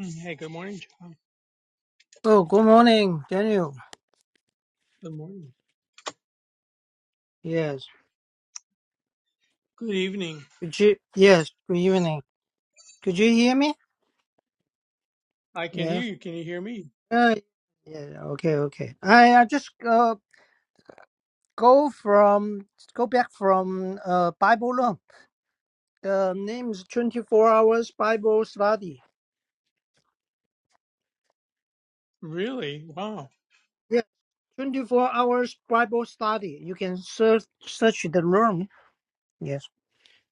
Mm, Hey, good morning, John. Oh, good morning, Daniel. Good morning. Yes. Good evening. Could you? Yes. Good evening. Could you hear me? I can hear Yes. you. Can you hear me? Uh, yeah. Okay. Okay. I I just uh, go from go back from uh Bible learn. The name is twenty four hours Bible study. Really? Wow. Yeah. Twenty four hours Bible study. You can search search the room. Yes.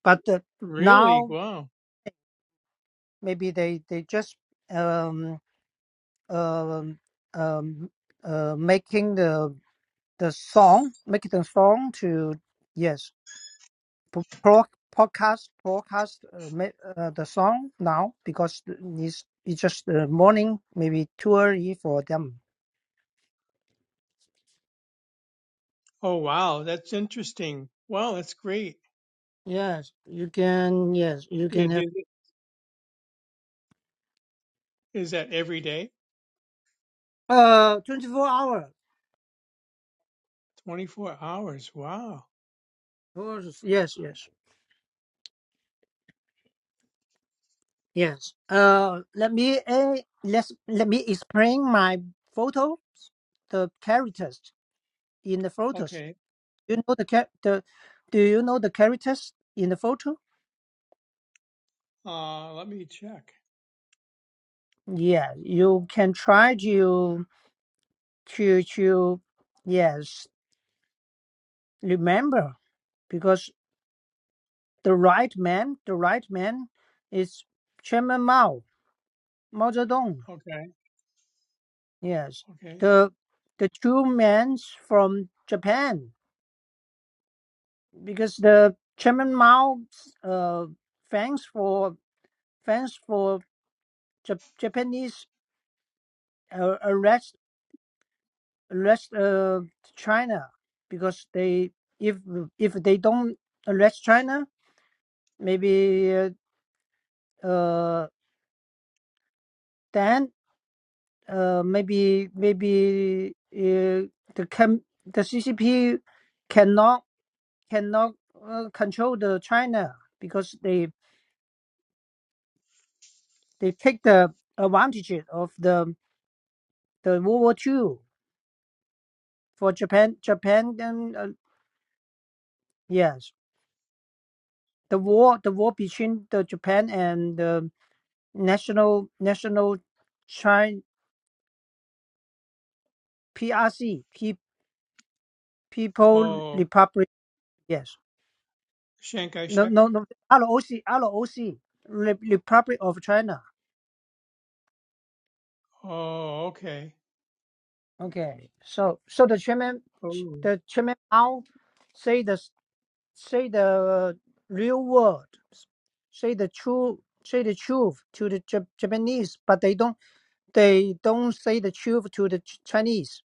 But uh, Really? now Wow. maybe they they just um um um uh, making the the song, make it a song to yes, p- pro, podcast broadcast uh, ma- uh, the song now because it's it's just the morning maybe too early for them. Oh, wow. That's interesting. Wow, that's great. Yes, you can. Yes, you Yeah, can have do, is that every day? uh twenty four hours. 24 hours. Wow. Yes, yes, yes. yes. Uh, let me uh, let let me explain my photo. The characters in the photos. Okay. You know the cha- the. Do you know the characters in the photo? Uh, let me check. Yeah, you can try to to to yes, remember because the right man, the right man is Chairman Mao, Mao Zedong. Okay. Yes, Okay. the the two men from Japan because the Chairman Mao uh thanks for thanks for Jap- Japanese uh, arrest arrest uh China because they if if they don't arrest China maybe uh, uh, then uh, maybe maybe uh, the can the CCP cannot cannot uh, control the China because they they take the advantage of the the World War Two for Japan Japan and uh, yes the war the war between the Japan and the national national China PRC Pe- People Oh, Republic yes Shankai No, Shek. no, no. ROC, ROC, Re- Republic of China. Oh, okay. Okay. So, so the chairman, Oh, the chairman Mao, say the say the real word, say the true, say the truth to the Jap- Japanese, but they don't, they don't say the truth to the Ch- Chinese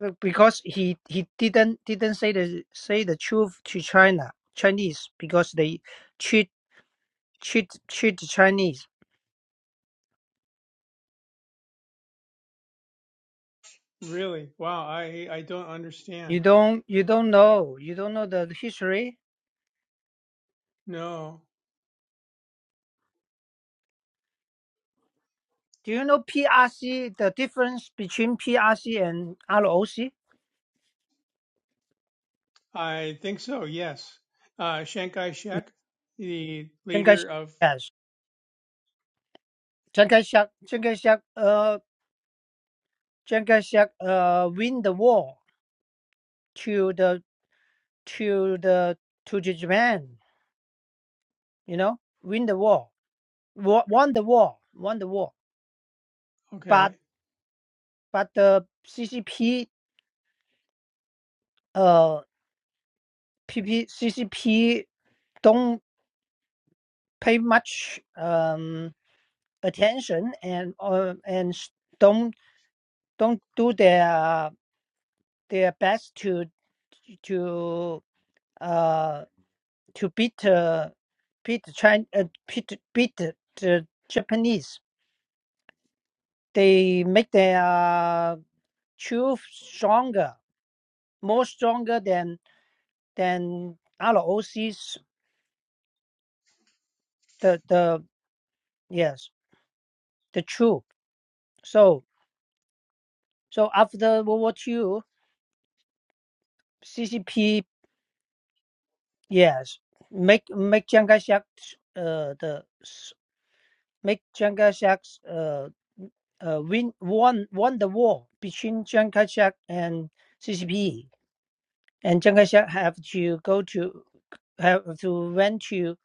Be- because he he didn't didn't say the say the truth to China Chinese because they cheat cheat cheat the Chinese. really? Wow. I I don't You understand. don't you don't know. You don't know the history. No. Do you know PRC, the difference between PRC and ROC? I think so, yes. Uh, Chiang Kai-shek, the Chiang leader Kai-shek, of, yes. Chiang Kai-shek, Chiang Kai-shek, uh, Chiang Kai-shek, uh, win the war to the to the to the Japan. You know, win the war, Wa- won the war, won the war. But okay. but the CCP, uh, PP, CCP don't pay much. Um, attention and uh, and don't don't do their their best to to uh to beat uh, beat China uh, beat beat the the Japanese. They make their truth stronger, more stronger than than ROC's the the yes the truth. So so after World War Two, CCP Yes, make make Chiang Kai-shek uh, the s- make Chiang Kai-shek uh, uh, win won won the war between Chiang Kai-shek and CCP, and Chiang Kai-shek have to go to have to went to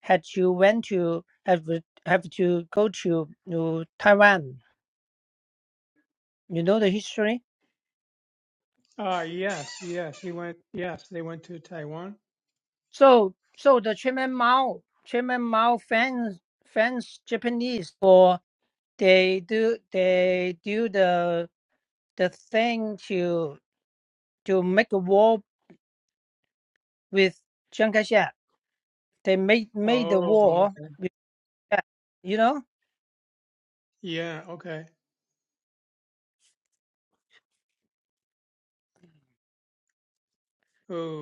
had to went to have have to go to, to Taiwan. You know the history. Uh, yes, yes, he went, yes, they went to Taiwan. So so the Chairman Mao Chairman Mao fans fans Japanese for. They do they do the the thing to to make a war with Chiang Kai-shek. They made made the Oh, war okay. with that, you know. Yeah, okay.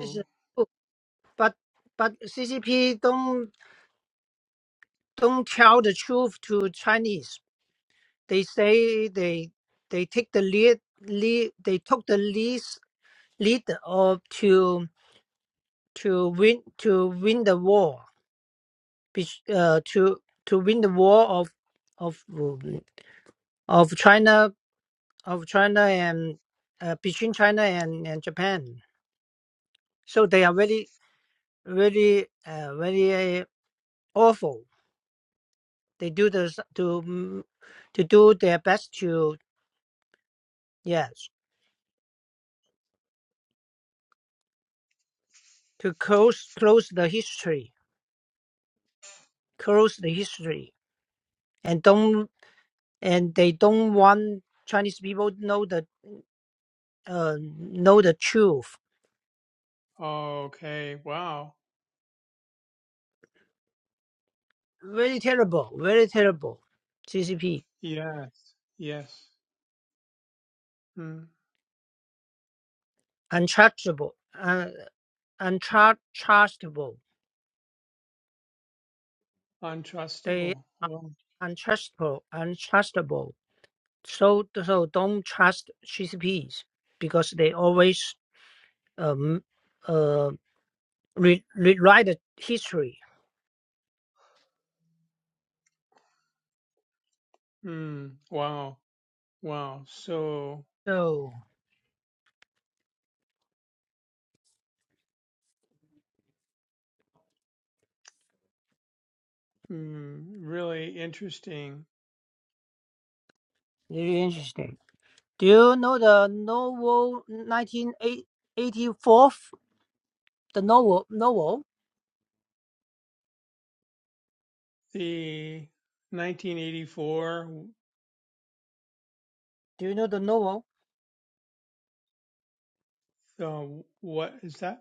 It's a coup. But but CCP don't don't tell the truth to Chinese. They say they they take the lead, lead they took the lead lead of to to win to win the war, which, uh, to to win the war of of of China of China and uh, between China and, and Japan. So they are very very uh, very uh, awful. They do this to mm, to do their best to yes to close close the history close the history and don't and they don't want Chinese people to know the uh, know the truth. okay. Wow. Very terrible, very terrible. CCP Yes, yes. Mm. untouchable, uh, untrustable They Untrustable. Wow. untrustable, untrustable. So so don't trust GCPs because they always um uh re- rewrite the history. Mm. Wow. Wow. So, So mm, really interesting. very interesting. Do you know the novel 1984? The novel novel. The 1984, Do you know the novel the, what is that?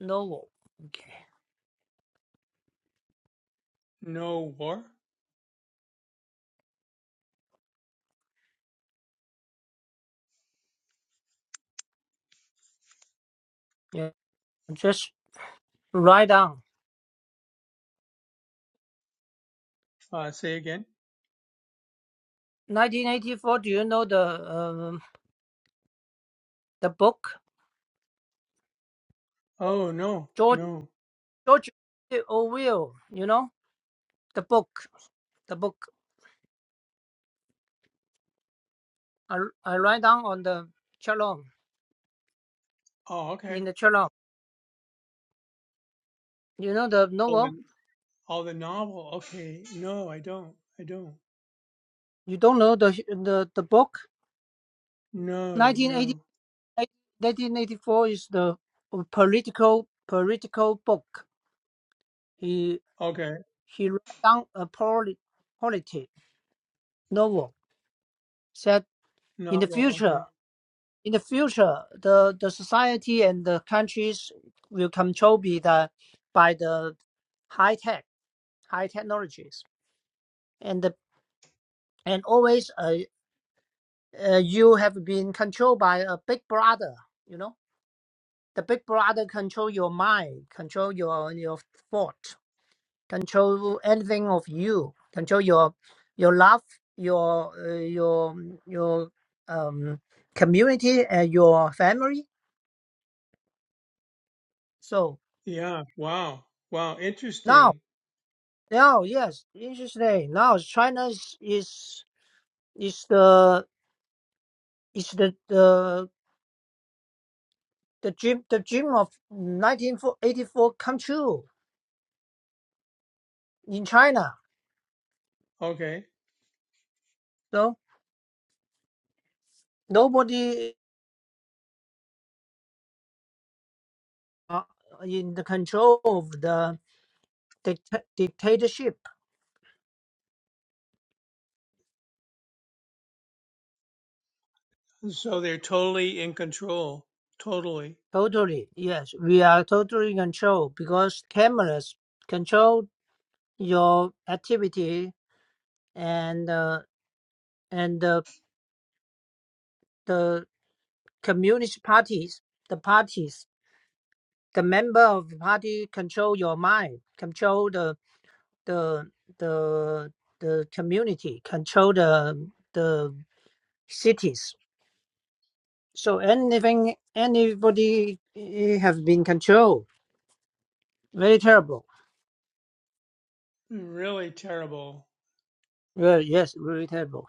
novel? Okay. No war? Yeah. Just write down Uh, say again? 1984. Do you know the um the book Oh, no, George no. George Orwell? You know. the book, the book. I, I write down on the chalong Oh, okay. in the chalong. You know the Oh, novel. and oh, the novel. Okay. No, I don't. I don't. You don't know the the, the book. No, 1980, no. is the political political book. He Okay. he write down a poli, politic novel. Said in the Novel. future, Okay. in the future, the, the society and the countries will control be the by the high tech high technologies and the, and always a. uh, you have been controlled by a big brother you know the big brother control your mind control your your thought control anything of you control your your love your uh, your your um community and your family so Yeah. Wow. Wow. now Interesting. now yes interesting now china is is is the is the the the dream the dream of 1984 come true in china Okay. So. Nobody uh, in the control of the dict- dictatorship. So they're totally in control. Totally. Totally, yes, we are totally in control because cameras control your activity and uh, and the the communist parties, the parties, the member of the party control your mind, control the the the the community, control the the cities So anything, anybody eh, have been controlled. Very terrible. Really terrible. Well, yes, very terrible.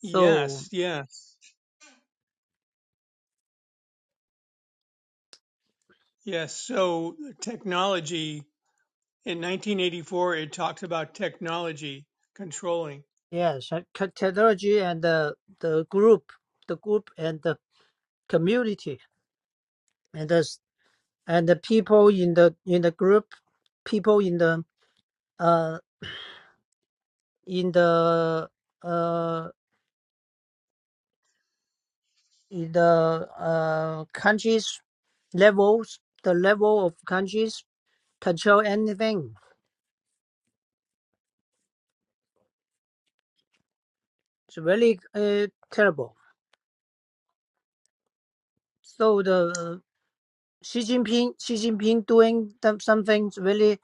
So Yes. Yes. Yes. So technology in 1984, it talks about technology controlling. yes, uh, c- technology and the the group, the group and the community, and the s- and the people in the in the group, people in the uh in the uh in the uh countries levels, the level of countries control anything. It's really uh, terrible. So the uh, Xi Jinping, Xi Jinping doing them- something really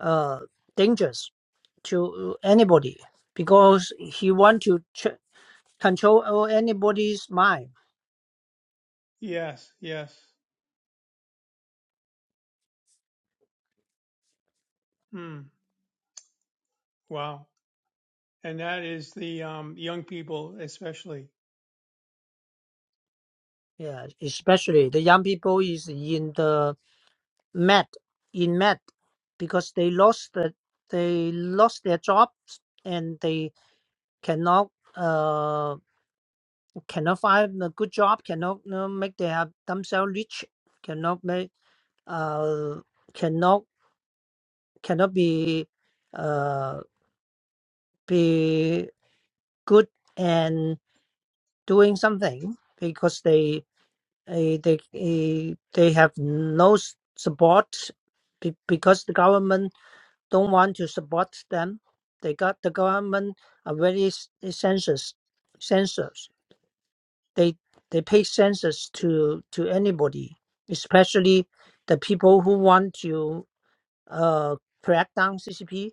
uh dangerous to uh, anybody because he want to ch- control all anybody's mind. Yes. Yes. Hmm. wow. And that is the um, young people, especially. Yeah, especially the young people is in the mad, in mad, because they lost the, they lost their jobs and they cannot uh cannot find a good job, cannot uh, make they have themselves rich, cannot make uh cannot cannot be uh, be good and doing something because they eh, they eh, they have no s- support be- because the government don't want to support them. They got the government are very s- census censors. They they pay census to to anybody, especially the people who want to uh, crack down CCP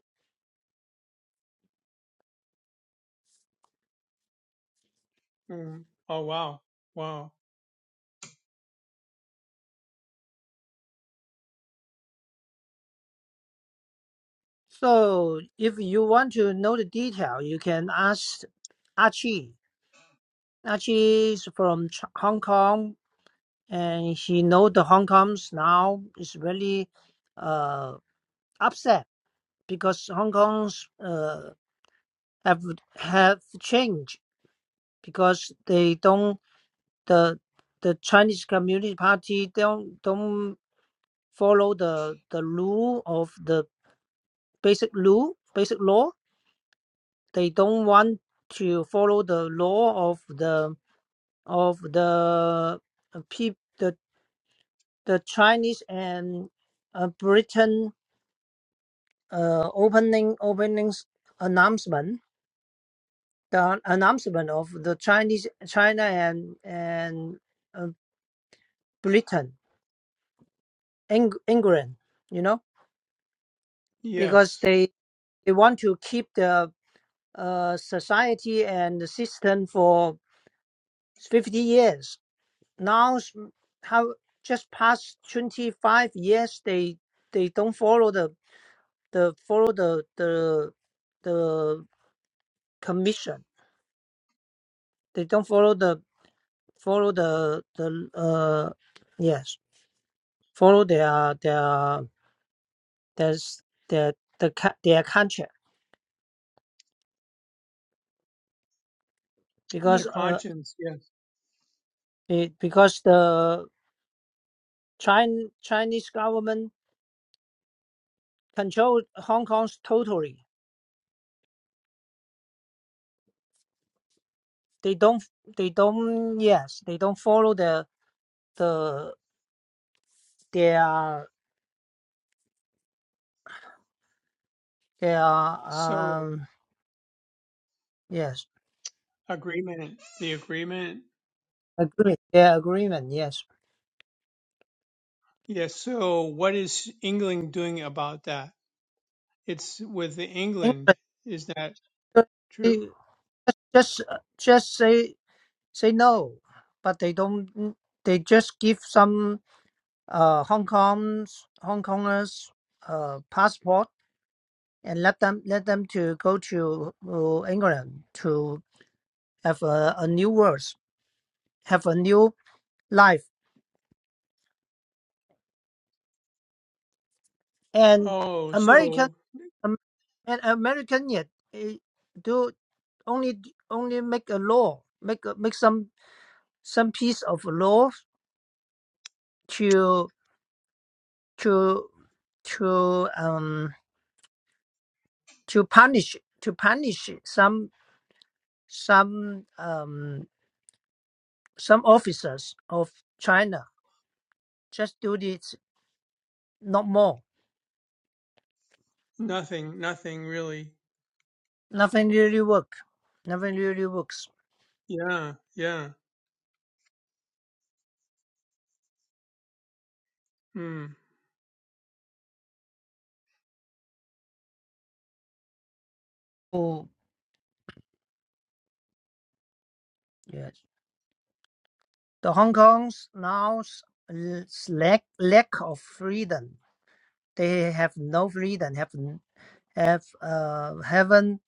Mm. Oh, wow. Wow. So if you want to know the detail, you can ask Archie. Archie is from Ch- Hong Kong, and he know the Hong Kong's now is really uh, upset because Hong Kong's uh, have have changed because they don't the the Chinese Communist Party don't don't follow the the rule of the basic rule basic law they don't want to follow the law of the of the uh, peop, the the Chinese and uh, Britain uh, opening openings announcement the announcement of the Chinese China and and uh, Britain Eng, England you know because Yes. they they want to keep the uh, society and the system for 50 years now s- how just past 25 years they they don't follow the the follow the the the commission they don't follow the follow the the uh yes follow their their their their the ca- their contract because Their uh conscience. Yes. it, because the China Chinese government control Hong Kong's totally they don't they don't yes they don't follow the the their They So, are, um, yes, agreement. The agreement. agree. Their agreement, yes. Yes. So, what is England doing about that? It's with the England. England, Is that uh, they true? just uh, just say say no, but they don't. They just give some uh Hong Kong's Hong Kongers uh passport and let them let them to go to uh, England to have a, a new world, have a new life, and Oh, American so um, and American yet. eh, do. only only make a law, make a, make some some piece of law to to to um to punish to punish some some um some officers of China. Just do this, not more. nothing. Nothing really. Nothing really work. Nothing really works. Yeah. Yeah. Hmm. Oh yes. The Hong Kong's now lack lack of freedom. They have no freedom. Have have uh haven't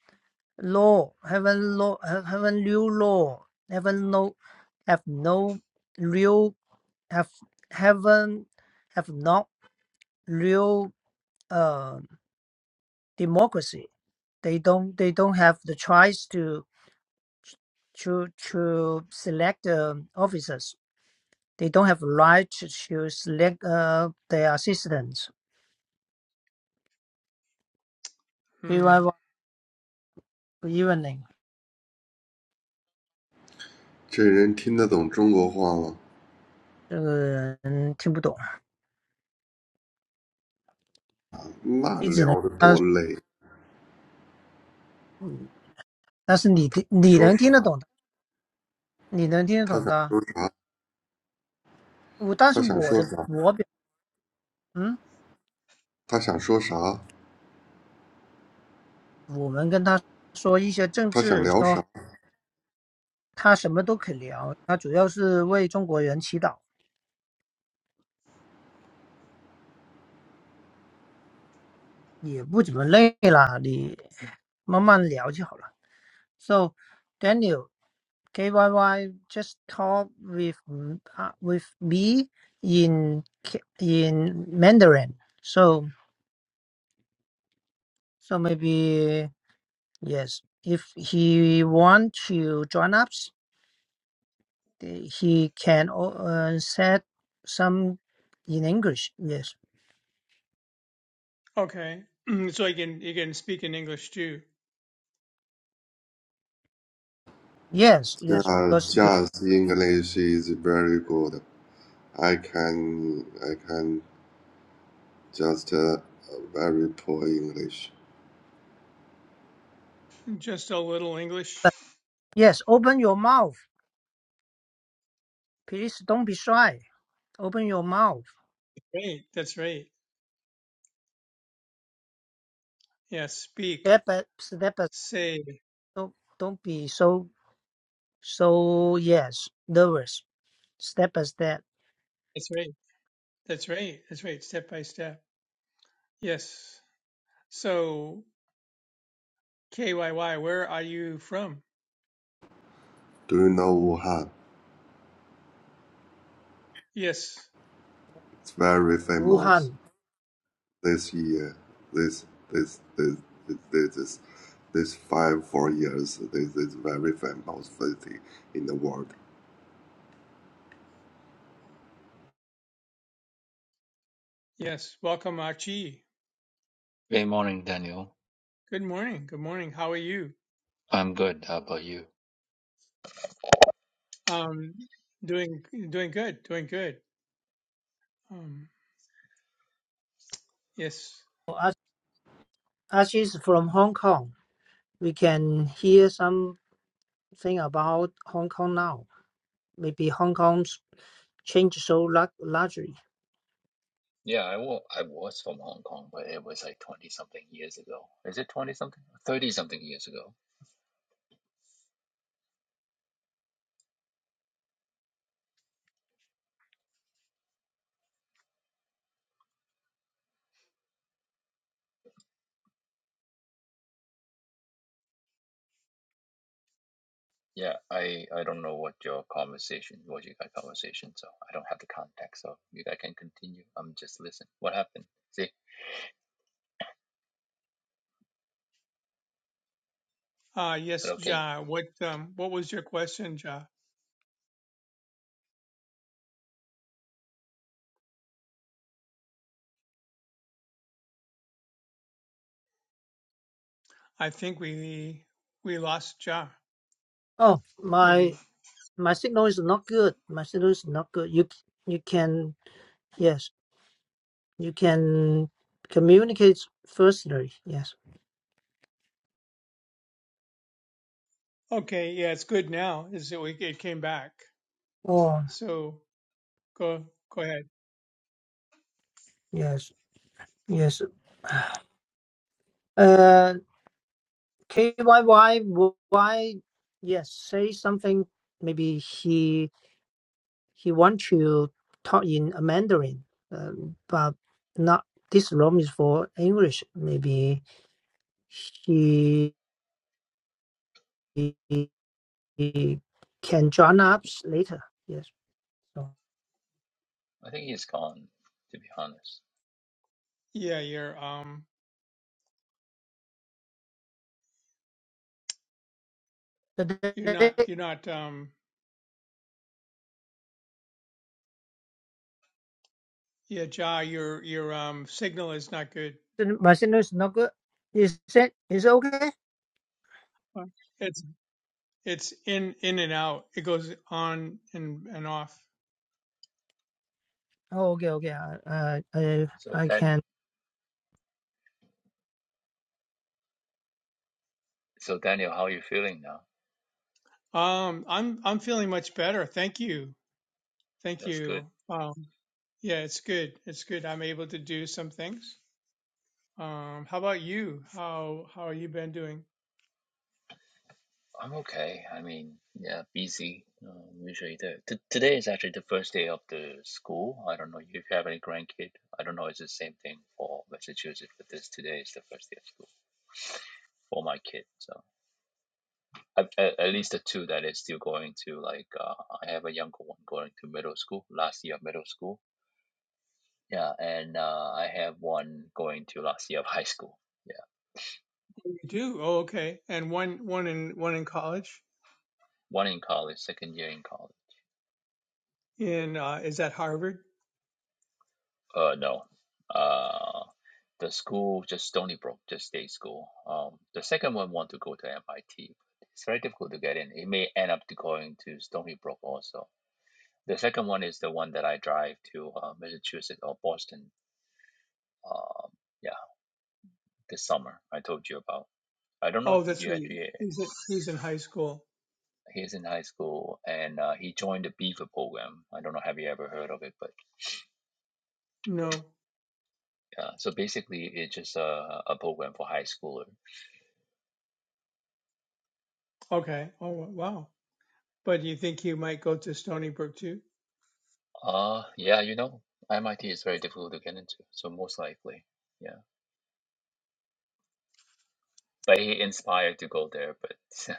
law haven't law haven't new law haven't no have no real have haven't have not real uh democracy. They don't they don't have the choice to to to select um officers. They don't have right to, to select uh, their assistants Hmm. KYY 不 这人听得懂中国话吗？那聊得多累，说啥？他想说啥？他想说啥？他想说啥？他想聊啥？Just, evening，这个人听不懂，你只能他，嗯但是你听你能听得懂的，你能听得懂的。我但是我的我表，嗯，我们跟他说一些政治，说他什么都可以聊，他主要是为中国人祈祷，也不怎么累啦，你慢慢聊就好了。So Daniel KYY just talk with uh, with me in in Mandarin. So So maybe yes, if he want to join us, the- he can o- uh, set some in English. Yes, Okay. so, I can, you can speak in English too. yes, yes. Because the just English is very good. I can, I can just uh, very poor English. Just a little English. but yes, open your mouth. Please don't be shy. Open your mouth. Right, that's right. Yeah, speak, Step by step by. say. Don't don't be so so yes nervous. Step by step. That's right. That's right. That's right. Step by step. Yes. So, KYY, where are you from? Do you know Wuhan? Yes. It's very famous Wuhan. this year. This, this, this, this, this, this, this five, four years. This is very famous city in the world. Yes. Welcome, Archie. Good morning, Daniel. Good morning. Good morning. How are you? I'm good. How about you? Um, doing doing good. Doing good. Um, yes. Us us is from Hong Kong. We can hear something about Hong Kong now. maybe Hong Kong's changed so lar- largely. Yeah, I wa I was from Hong Kong, but it was like 20 something years ago. Is it 20 something? 30 something years ago. Yeah, I I don't know what your conversation was, you guys' conversation, so I don't have the context, so you guys can continue. I'm just listening. What happened? See, Uh, yes, okay, Ja. What um, what was your question, Ja? I think we we lost Ja. Oh, Maybe. my my signal is not good. My signal is not good. You you can yes, you can communicate firstly. Yes. Okay. Yeah, it's good now. Is it? We. It came back. Oh So. Go go ahead. yes yes. Uh, K Y Y Y yes, say something. Maybe he he wants to talk in a Mandarin, um, but not. This room is for English. Maybe he. we can join up later. Yes. So I think he's gone, to be honest. Yeah, you're um you're today, not you're not um yeah, Ja, your your um signal is not good. my signal is not good. Is it is it okay? Uh, It's it's in in and out. It goes on and and off. Oh, okay, okay. I I I So I then, can. so Daniel, how are you feeling now? Um I'm I'm feeling much better. Thank you. Thank That's good. you. Um yeah, it's good. It's good. I'm able to do some things. Um how about you? How how have you been doing? I'm okay. I mean, yeah, busy. Um, usually the t today is actually the first day of the school. I don't know if you have any grandkid. I don't know. It's the same thing for Massachusetts, but this today is the first day of school for my kid. So at, at, at least the two that is still going to like uh, I have a younger one going to middle school, last year of middle school. Yeah, and uh, I have one going to last year of high school. Yeah, You do. Oh, okay. And one one in one in college one in college, second year in college. in uh is that Harvard? Uh, no. Uh, the school just Stony Brook, just state school. Um, the second one want to go to MIT. It's very difficult to get in. It may end up to going to Stony Brook also. The second one is the one that I drive to uh, Massachusetts or Boston. Um, yeah, this summer I told you about. I don't know. Oh, Did that's you right. actually? uh, He's he's in high school. He's in high school and uh, he joined the Beaver program. I don't know. Have you ever heard of it? But No. uh, so basically, it's just a, a program for high schoolers Okay. Oh, wow. But you think he might go to Stony Brook too? Uh, yeah, you know, MIT is very difficult to get into, so most likely, yeah. But he inspired to go there, but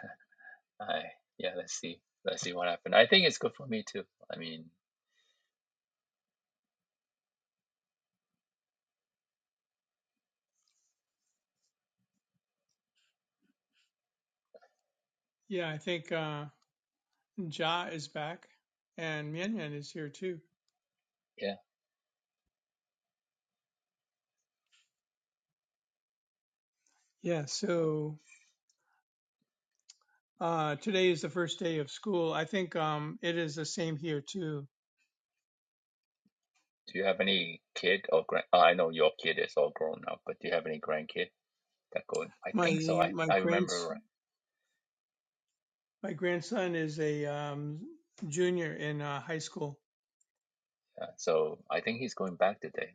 I, yeah, let's see, let's see what happens. I think it's good for me too. I mean, Yeah, I think uh, Ja is back, and Mianyan is here too. yeah. Yeah. So uh, today is the first day of school. I think um, it is the same here too. Do you have any kid or grand? Uh, I know your kid is all grown up, but do you have any grandkid that going? I think so. My I my I remember grands right. my grandson is a um, junior in uh, high school. Yeah, so I think he's going back today.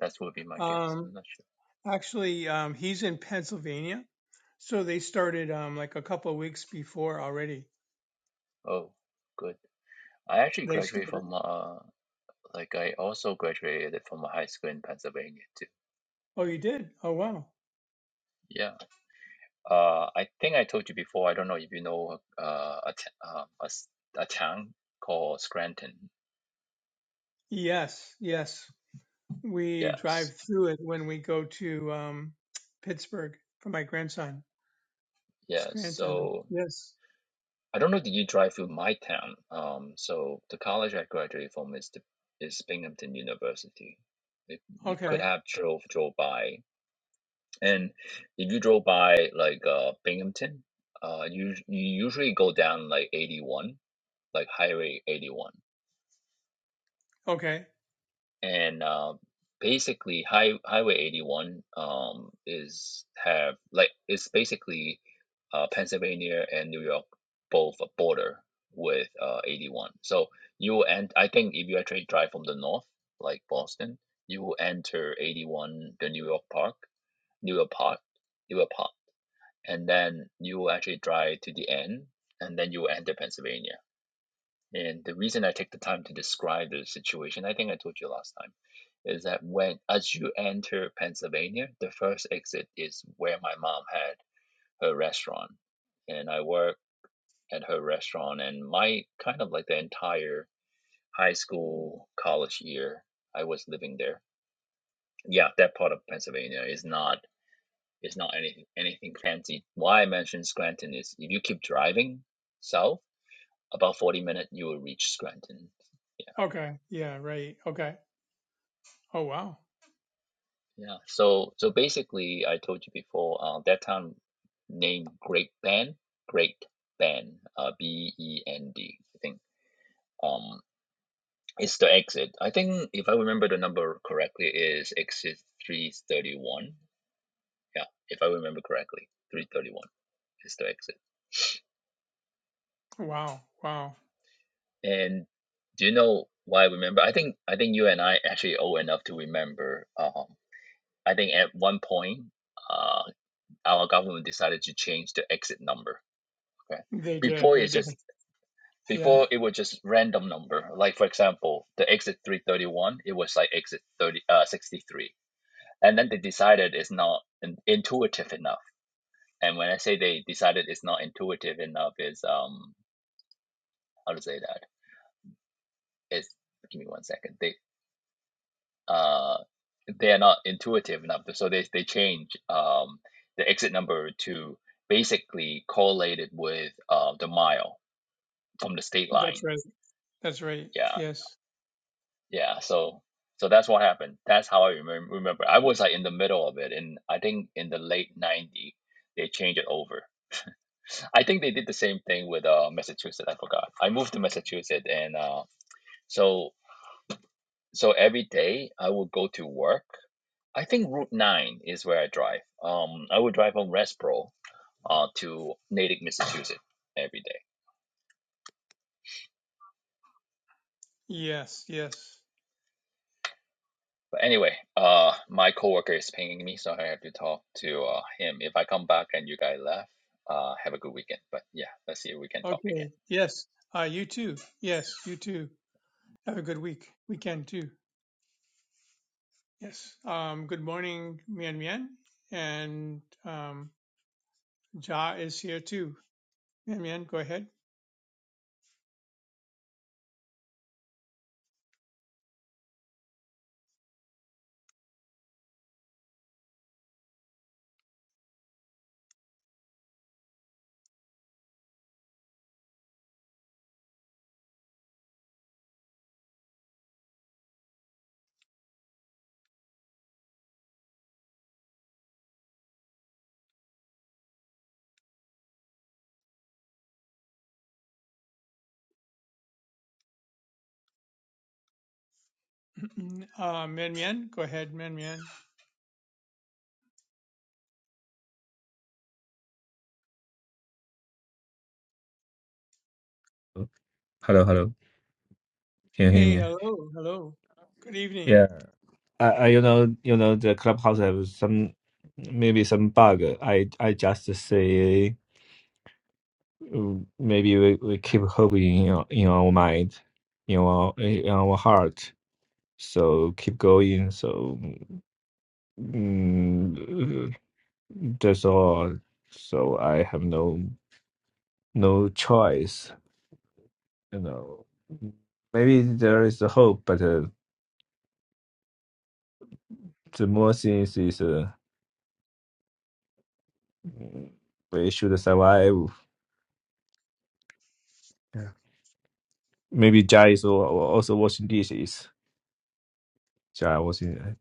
That would be my guess. Um, I'm not sure. actually, um, he's in Pennsylvania So they started um like a couple of weeks before already. Oh, good. I actually They graduated started. from uh Like I also graduated from high school in Pennsylvania too. Oh, you did? Oh, wow. Yeah. Uh, I think I told you before. I don't know if you know uh, a, t um, a s a town called Scranton. Yes, yes. We Yes. drive through it when we go to um Pittsburgh for my grandson, Yes. Scranton. So Yes. I don't know. Did you drive through my town? Um. So the college I graduated from is the is Binghamton University. If you could Okay. have drove drove by, and if you drove by like uh Binghamton, uh, you you usually go down like 81, like Highway 81 Okay. and uh, basically high, highway 81 um, is have like it's basically uh, pennsylvania and new york both a border with uh, 81 so you will end i think if you actually drive from the north like boston you will enter 81 the new york park new york park new york park and then you will actually drive to the end and then you will enter pennsylvania and the reason I take the time to describe the situation, I think I told you last time, is that when as you enter Pennsylvania, the first exit is where my mom had her restaurant. And I work at her restaurant and my kind of like the entire high school, college year, I was living there. Yeah, that part of Pennsylvania is not is not anything anything fancy. Why I mentioned Scranton is if you keep driving south, about 40 minutes you will reach Scranton Okay. Yeah, right. Okay. Oh, wow. Yeah. So so basically, I told you before, uh, that town named Great Bend, Great Bend, uh, B E N D, I think. Um, it's the exit. I think if I remember the number correctly, is exit 331. Yeah, if I remember correctly, 331 is the exit. Wow. Wow. And do you know why I remember? I think I think you and I actually old enough to remember. Um, I think at one point, uh, our government decided to change the exit number Okay. They did. Before They it's did. just Yeah. before it was just random number. Like for example, the exit 331, it was like exit 30 uh 63. And then they decided it's not in- intuitive enough. And when I say they decided it's not intuitive enough is um how to say that? It's give me one second. They uh they are not intuitive enough. So they they change um the exit number to basically correlated with uh the mile from the state That's line. right. That's right. Yeah Yes. yeah so so that's what happened that's how i remem- remember i was like in the middle of it and i think in the late 90 they changed it over i think they did the same thing with uh massachusetts i forgot i moved to massachusetts and uh so so every day i would go to work i think route 9 is where i drive um i would drive from Westboro uh to natick massachusetts every day Yes. Yes. But anyway, uh, my coworker is pinging me, so I have to talk to uh, him. If I come back and you guys left, uh, have a good weekend. But yeah, let's see if we can talk again. Okay. Yes. Uh, you too. Yes, you too. Have a good week, weekend too. Yes. Um, good morning, Mian Mian. And um, Ja is here too. Mian Mian, go ahead. uh, Mian Mian, go ahead, Mian Mian. Hello, hello. Can you hear Hey, me? hello, hello. Good evening. Yeah, I, I, you know, you know, the clubhouse have some, maybe some bug. I, I just say, mm, maybe we, we keep hope in our, in our mind, in our, in our heart. So keep going. So mm, that's all. So I have no, no choice. You know, maybe there is a hope, but uh, the more things is. Uh, We should survive. Yeah. Maybe Jai is al- also washing dishes. Jai washing.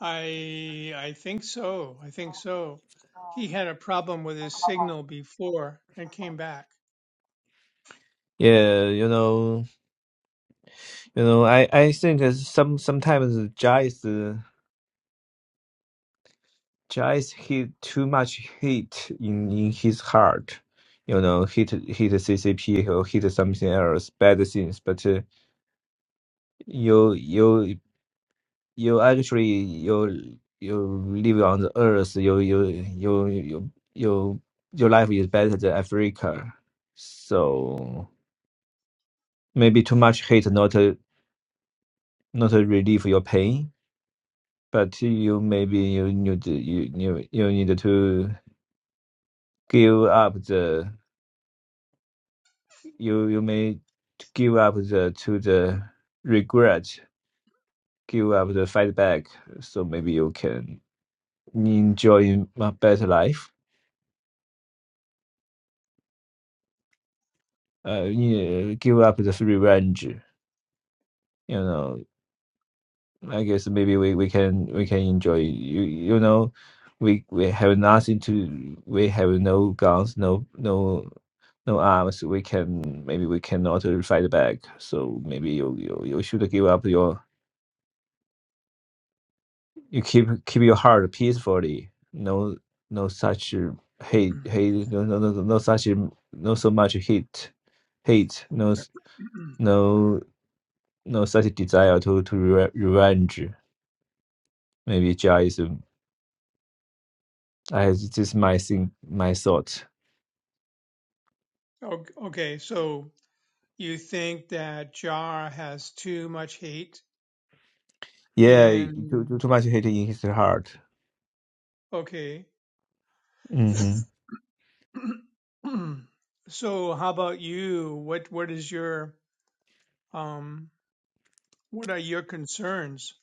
I I think so. I think so. He had a problem with his signal before and came back. Yeah, you know, you know. I I think is some sometimes Jai is uh, Jai is hit too much heat in in his heart. You know, hit hit CCP or hit something else, bad things. But uh, you you you actually you you live on the earth you you you you you your life is better than africa so maybe too much hate not uh, not uh, relieve your pain but you maybe you need to- you you, you need to give up the you you may give up the to the regret give up the fight back so maybe you can enjoy a better life uh, you know, give up this revenge. You know, I guess maybe we, we can we can enjoy. You you know, we we have nothing to. We have no guns, no no no arms. We can maybe we cannot uh, fight back. So maybe you you, you should give up your you keep keep your heart peacefully. No no such uh, hate hate no no no, no such um, no so much hate hate no s- no. no such desire to to re- revenge. Maybe Jaism. I this is my thing, my thought. Ok- okay, so you think that Jar has too much hate Yeah, too too, in too much hate in his heart. okay. hmm So, how about you? What what is your um what are your concerns?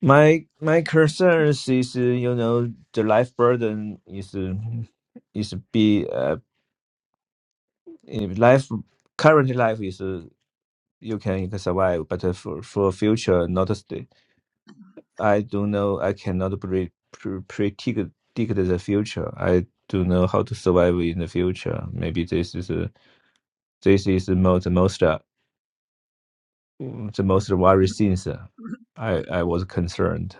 My my concerns is uh, you know the life burden is uh, is be uh in life current life is uh, you can survive, but uh, for for future not I don't know. I cannot pre pre predict predict the future. I don't know how to survive in the future. Maybe this is uh, this is the most the most uh, mm, the most worry things. uh, I I was concerned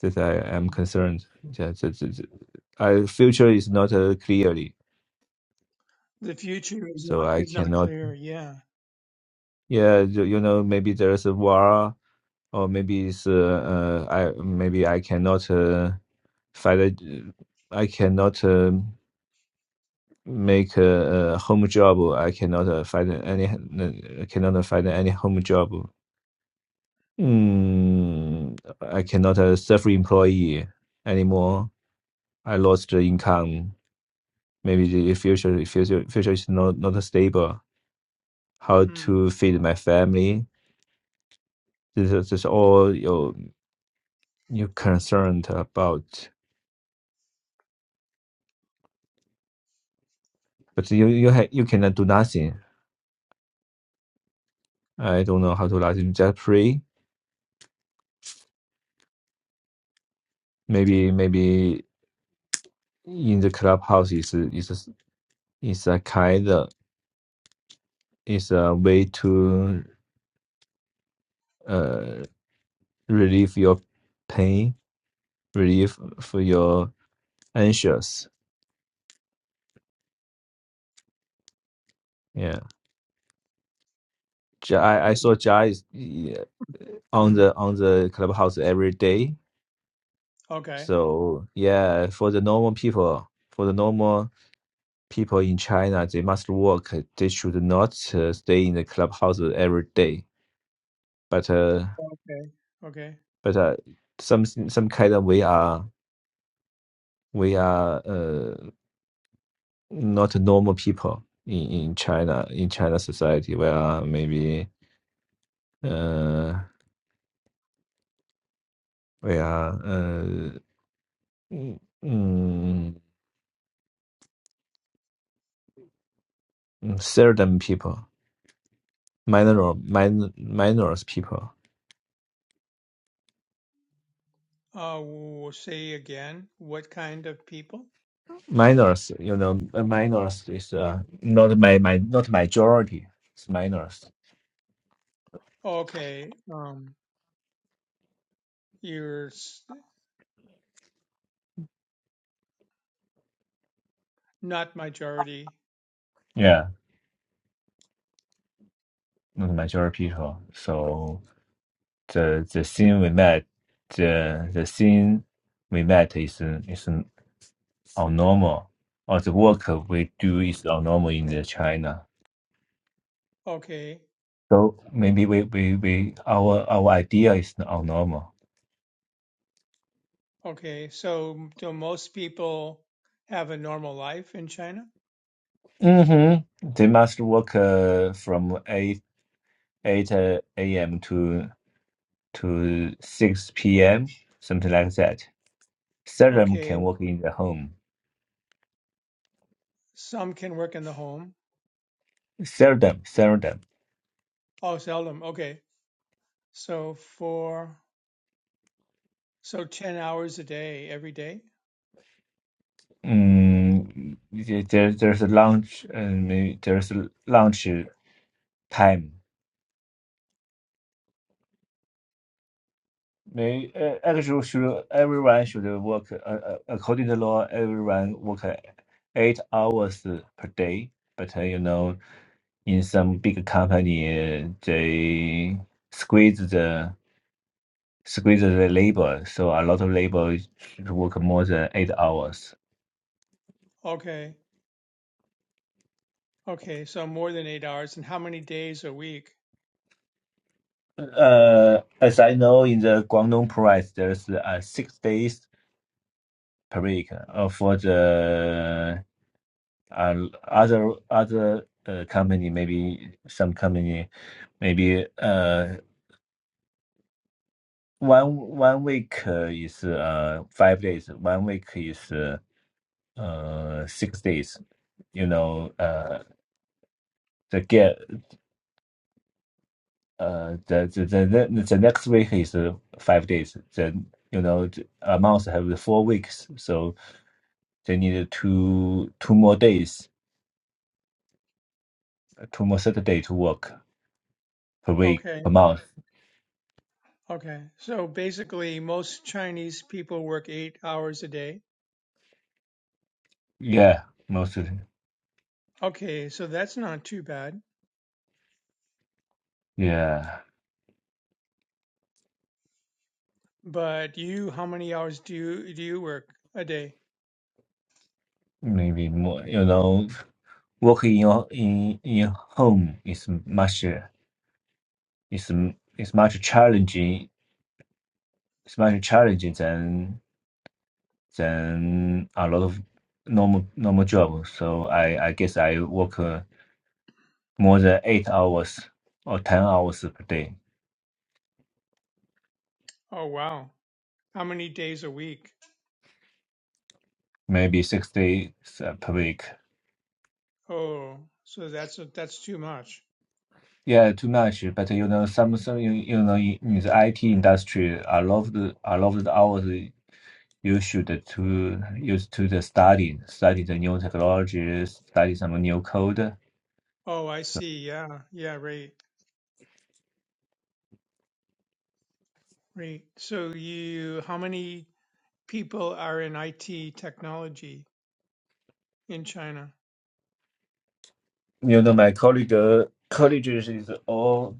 that I am concerned. Yeah, that, that, that- I future is not uh, clearly, The future is so not I is not cannot. clear. Yeah. Yeah, you, you know, maybe there is a war, or maybe it's uh, uh I maybe I cannot uh, fight. it, uh, I cannot. um make a, a home job. I cannot uh, find any uh, cannot uh, find any home job. Mm, I cannot uh, self-employee anymore. I lost the income. Maybe the future future future is not not stable. How Mm. to feed my family? This is, this is all you you concerned about. But you you ha- you cannot do nothing. I don't know how to nothing. Just pray. Maybe maybe in the clubhouse is is It's a kind of, it's a way to uh relieve your pain, relieve for your anxious. Yeah, Ja- I I saw Jai is yeah, on Mm. the on the clubhouse every day. Okay. So yeah, for the normal people, for the normal people in China, they must work. They should not uh, stay in the clubhouse every day. But uh, Okay. Okay. but uh, some some kind of we are we are uh. not normal people in, in China in China society where maybe uh we are uh mm, mm, certain people minor min, minors people Uh, we'll say again. What kind of people? minors you know uh, minors is uh, not my my not majority it's minors Okay. Um, you're s- not majority. yeah not majority people so the the scene we met the the scene we met is is our normal, or the work we do is our normal in the China. Okay. So maybe we, we, we our our idea is our normal. Okay. So, do most people have a normal life in China? hmm They must work uh, from eight eight uh, a.m. to to six p.m. something like that. Seldom Okay. can work in the home. Some can work in the home. Seldom, seldom. Oh, seldom. Okay. So for so 10 hours a day every day? Mm, there, there's a lunch and maybe there's a lunch time They uh, actually should everyone should work uh, uh, according to law. Everyone work uh, eight hours per day, but uh, you know, in some big company, uh, they squeeze the squeeze the labor, so a lot of labor should work more than eight hours. Okay. Okay. So more than 8 hours and how many days a week? Uh, as I know, in the Guangdong province, there's uh, six days per week uh, for the and other other uh, company maybe some company maybe uh one one week uh, is uh five days one week is uh, uh six days you know uh the get uh the the, the the the next week is uh, five days then you know the- a month have the four weeks so they need two two more days two more saturday to work per week Okay. per month Okay. So basically most Chinese people work 8 hours a day. yeah most of Okay, so that's not too bad. yeah But you how many hours do you do you work a day? maybe more you know work in your in in your home is much is is much challenging it's much challenging than than a lot of normal normal job so i i guess i work uh, more than eight hours or ten hours per day Oh wow. How many days a week? maybe six days uh, per week Oh, so that's that's too much. yeah too much but you know some some you, you know in, in the it industry i love the i love the hours you should to use to the study study the new technologies, study some new code. Oh, I So see. Yeah. Yeah, right. Great. So you, how many people are in IT technology in China? you know, my colleague uh, colleagues is all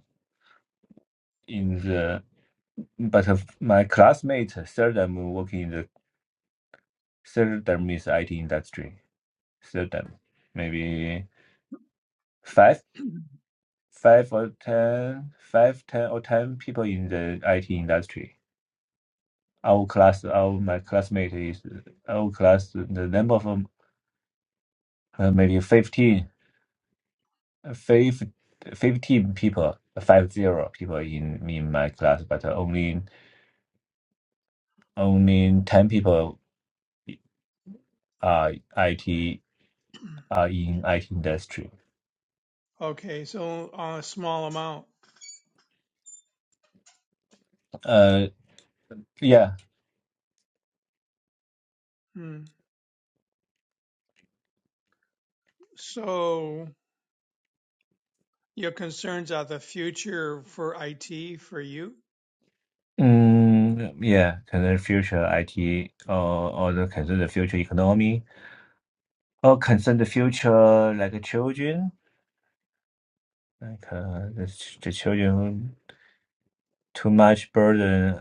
in the but of my classmate third them working in the third them is IT industry. Third them maybe five five or ten five ten or ten people in the IT industry. Our class, our my classmate is our class. The number of them, uh, maybe 15 five, 15 people, five zero people in in my class, but only only 10 people are IT are in IT industry. Okay, so a small amount. Uh, yeah. Hmm. So your concerns are the future for IT for you? Mm, yeah, concern future IT or or the concern the future economy or concern the future like children, like uh, the, ch- the children too much burden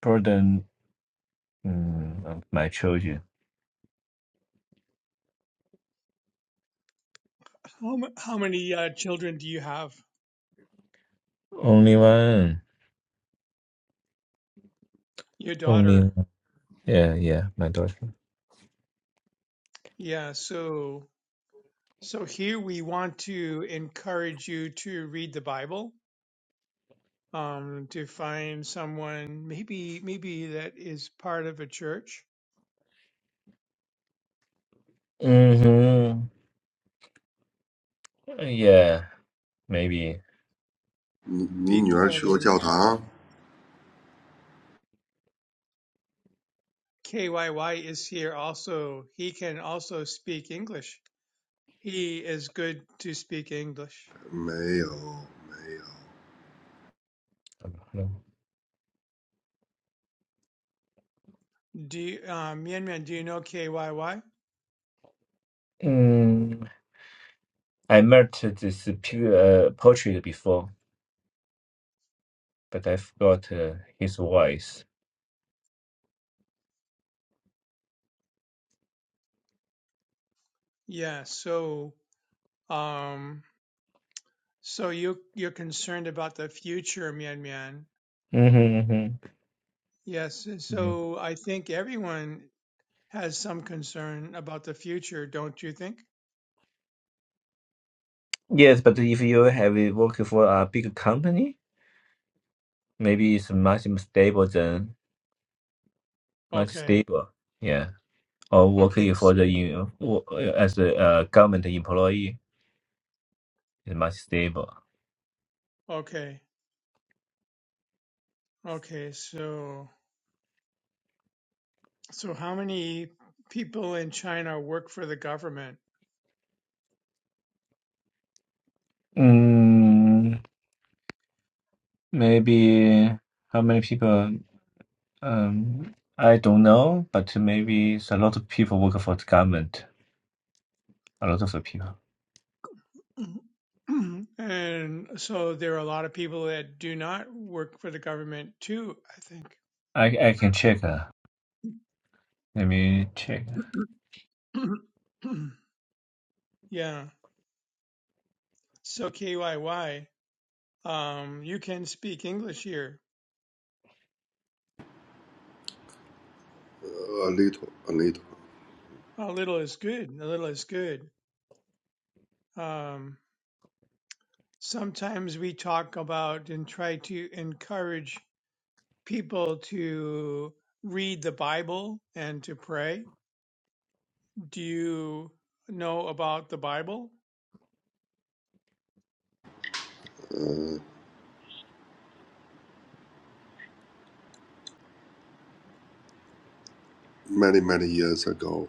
burden mm, of my children. How m- how many uh, children do you have? Only one, Your only daughter. one. Yeah, yeah, my daughter. Yeah, so so here we want to encourage you to read the Bible, um, to find someone maybe maybe that is part of a church hmm Yeah, maybe. because KYY is here also. He can also speak English. He is good to speak English. 你你女儿去过教堂？没有，没有。A I don't know. Do you, uh, Mian Mian, do you know KYY? Mm, I met this pu- uh, poetry before, but I forgot uh, his voice. Yeah, so um so you you're concerned about the future, Mian Mian. hmm Yes, Yeah. so I think everyone has some concern about the future, don't you think? Yes, but if you have it working for a big company, maybe it's much more stable than much Okay. stable. Yeah, or Okay, working for so the you know, wo- as a uh, government employee is much stable. okay. Okay, so so how many people in China work for the government? Mm. Maybe how many people? Um, I don't know, but maybe it's a lot of people work for the government. A lot of the people. Mhm. And so there are a lot of people that do not work for the government too, I I I can check. Uh, let me check. think. yeah. So KYY, um, you can speak English here. little, a little. A little is good. A little is good. Um, sometimes we talk about and try to encourage people to read the Bible and to pray. Do you know about the Bible? Uh, many, many years ago,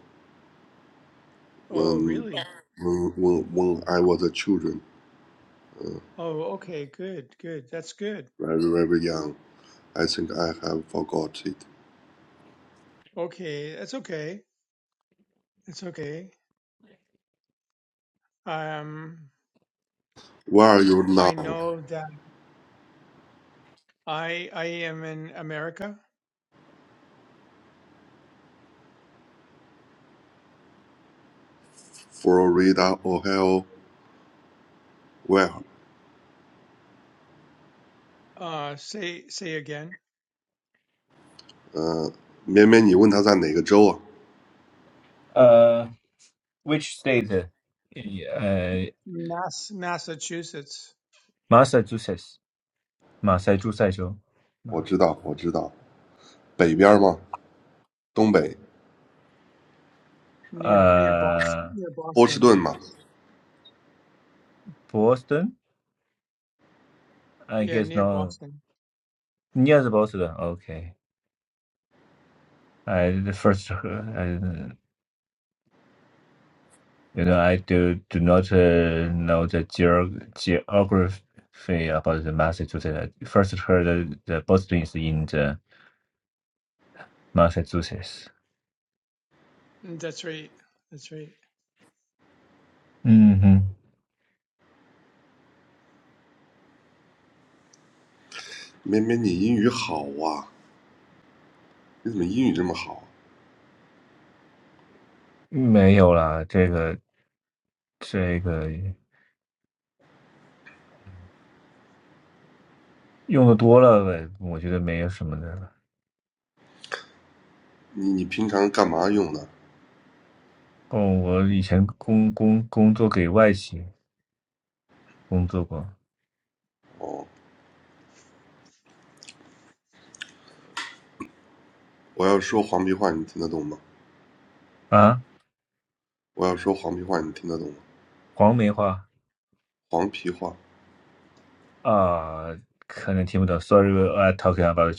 Oh, when really? when when when I was a children, uh, Oh, okay, good, good. That's good. very very young. I think I have forgot it. Okay, that's okay. That's okay. Um, Where are you I now? know that I I am in America. Florida, Ohio, Uh, say say again. Uh, which state? Uh, uh, Mass Massachusetts, Massachusetts. Massachusetts. oh. where？呃，绵绵，你问他在哪个州啊？我知道，我知道，北边吗？东北，波士顿吗？绵绵，你英语好啊！你怎么英语这么好？near near Boston, Uh, near Boston. Boston. I Yeah, guess near no. Boston. Near the Boston. Okay. I the first. Uh, You know, I do do not uh, know the geog geography about the Massachusetts. I first heard the, the Boston is in the Mm, That's right. That's right. Massachusetts。嗯哼，没有啦，这个这个用的多了呗，我觉得没有什么的了。哦，我以前工工工作给外企工作过啊，黄梅花啊，可能听不懂。Sorry, 你你平常干嘛用的？哦，我要说黄皮话，你听得懂吗？我要说黄皮话，你听得懂吗？黄皮话，嗯，它它是叫丹吗？他干嘛要为中国祈祷啊？但 I talking about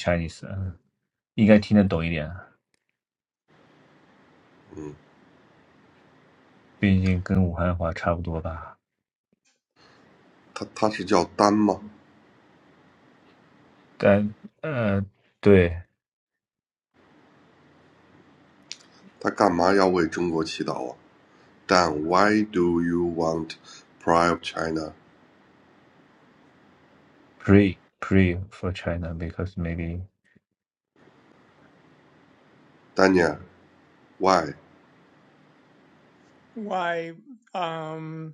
Chinese，嗯应该听得懂一点，毕竟跟武汉话差不多吧。但呃，对，pray Why do you want pride of China? pray for China because maybe 丹尼尔 why? Why? Um,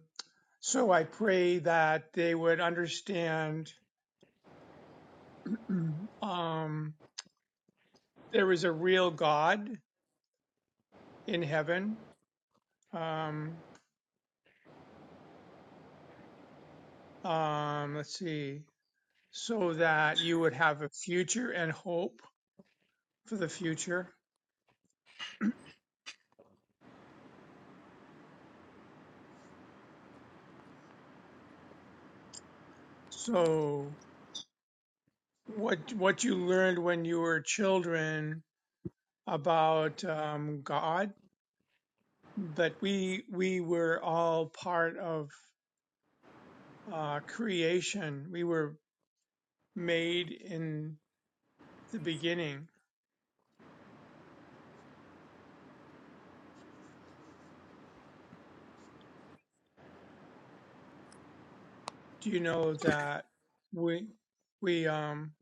so I pray that they would understand. um, there is a real God in heaven. Um, um, let's see, so that you would have a future and hope for the future. So, what what you learned when you were children about um, God, that we we were all part of uh, creation. We were made in the beginning. Do you know that we we um,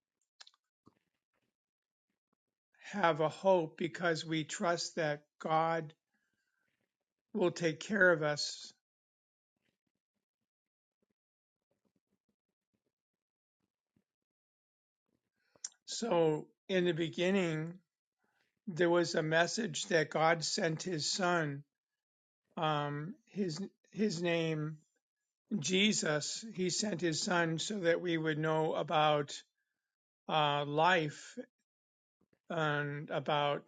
have a hope because we trust that God will take care of us So, in the beginning, there was a message that God sent His Son. Um, his His name Jesus. He sent His Son so that we would know about uh, life and about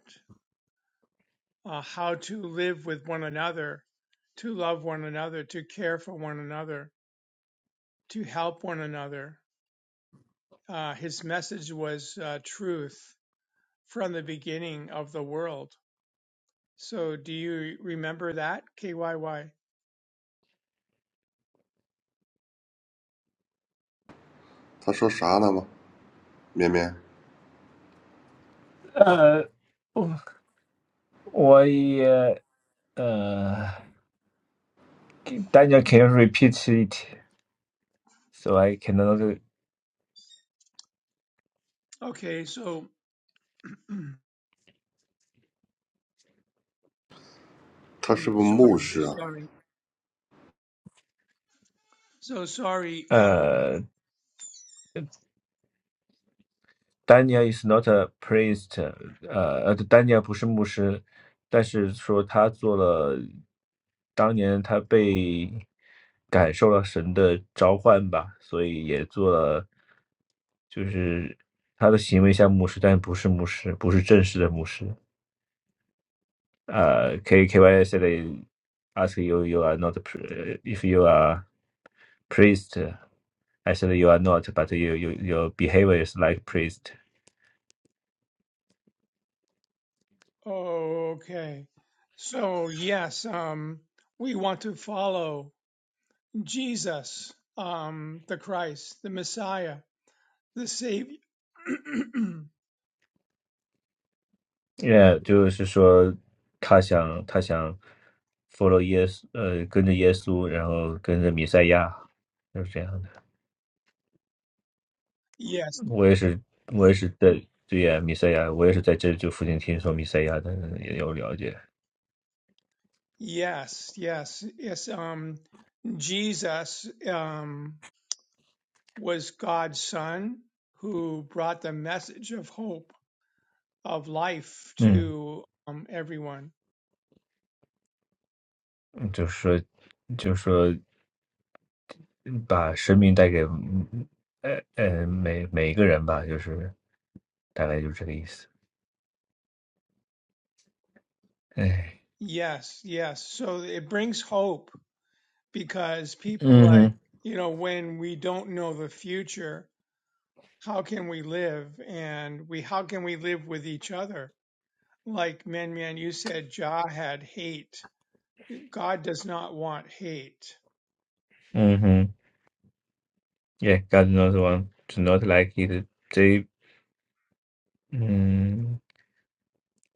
uh, how to live with one another, to love one another, to care for one another, to help one another. Uh, his message was uh, truth from the beginning of the world So do you remember that? KYY. China？丹尼尔，Why？他说啥呢吗？绵绵，他是不是牧师啊？呃，我我也呃，Daniel can you repeat it so I cannot Okay, so mm, sorry, sorry. So sorry. Um, 呃 Daniel is not a priest，呃，呃丹尼尔不是牧师，但是说他做了，当年他被感受了神的召唤吧，所以也做了，就是他的行为像牧师，但不是牧师，不是正式的牧师。呃，K K Y said they ask you you are not a pri- if you are priest. I said you are not, but you you your behavior is like priest. okay. So yes, um, we want to follow Jesus, um, the Christ, the Messiah, the Savior. 也就是说，他想他想 follow yes, yes, yes, yes. Um, Jesus um, was God's Son who brought the message of hope of life to um, everyone. 耶稣，呃，跟着耶稣，然后跟着弥赛亚，就是这样的。我也是，我也是在对呀，弥赛亚，我也是在这就附近听说弥赛亚的，也有了解。嗯，嗯就是说，就是说，把生命带给，嗯呃呃，每每一个人吧，就是大概就是这个意思。哎，嗯哼，嗯哼，Yeah, Yes, yes. So it brings hope because people like, you know, when we don't know the future, how can we live? And we, how can we live with each other? Like Man Man, you said Jah had hate. God does not want hate. God knows one to not like it. They,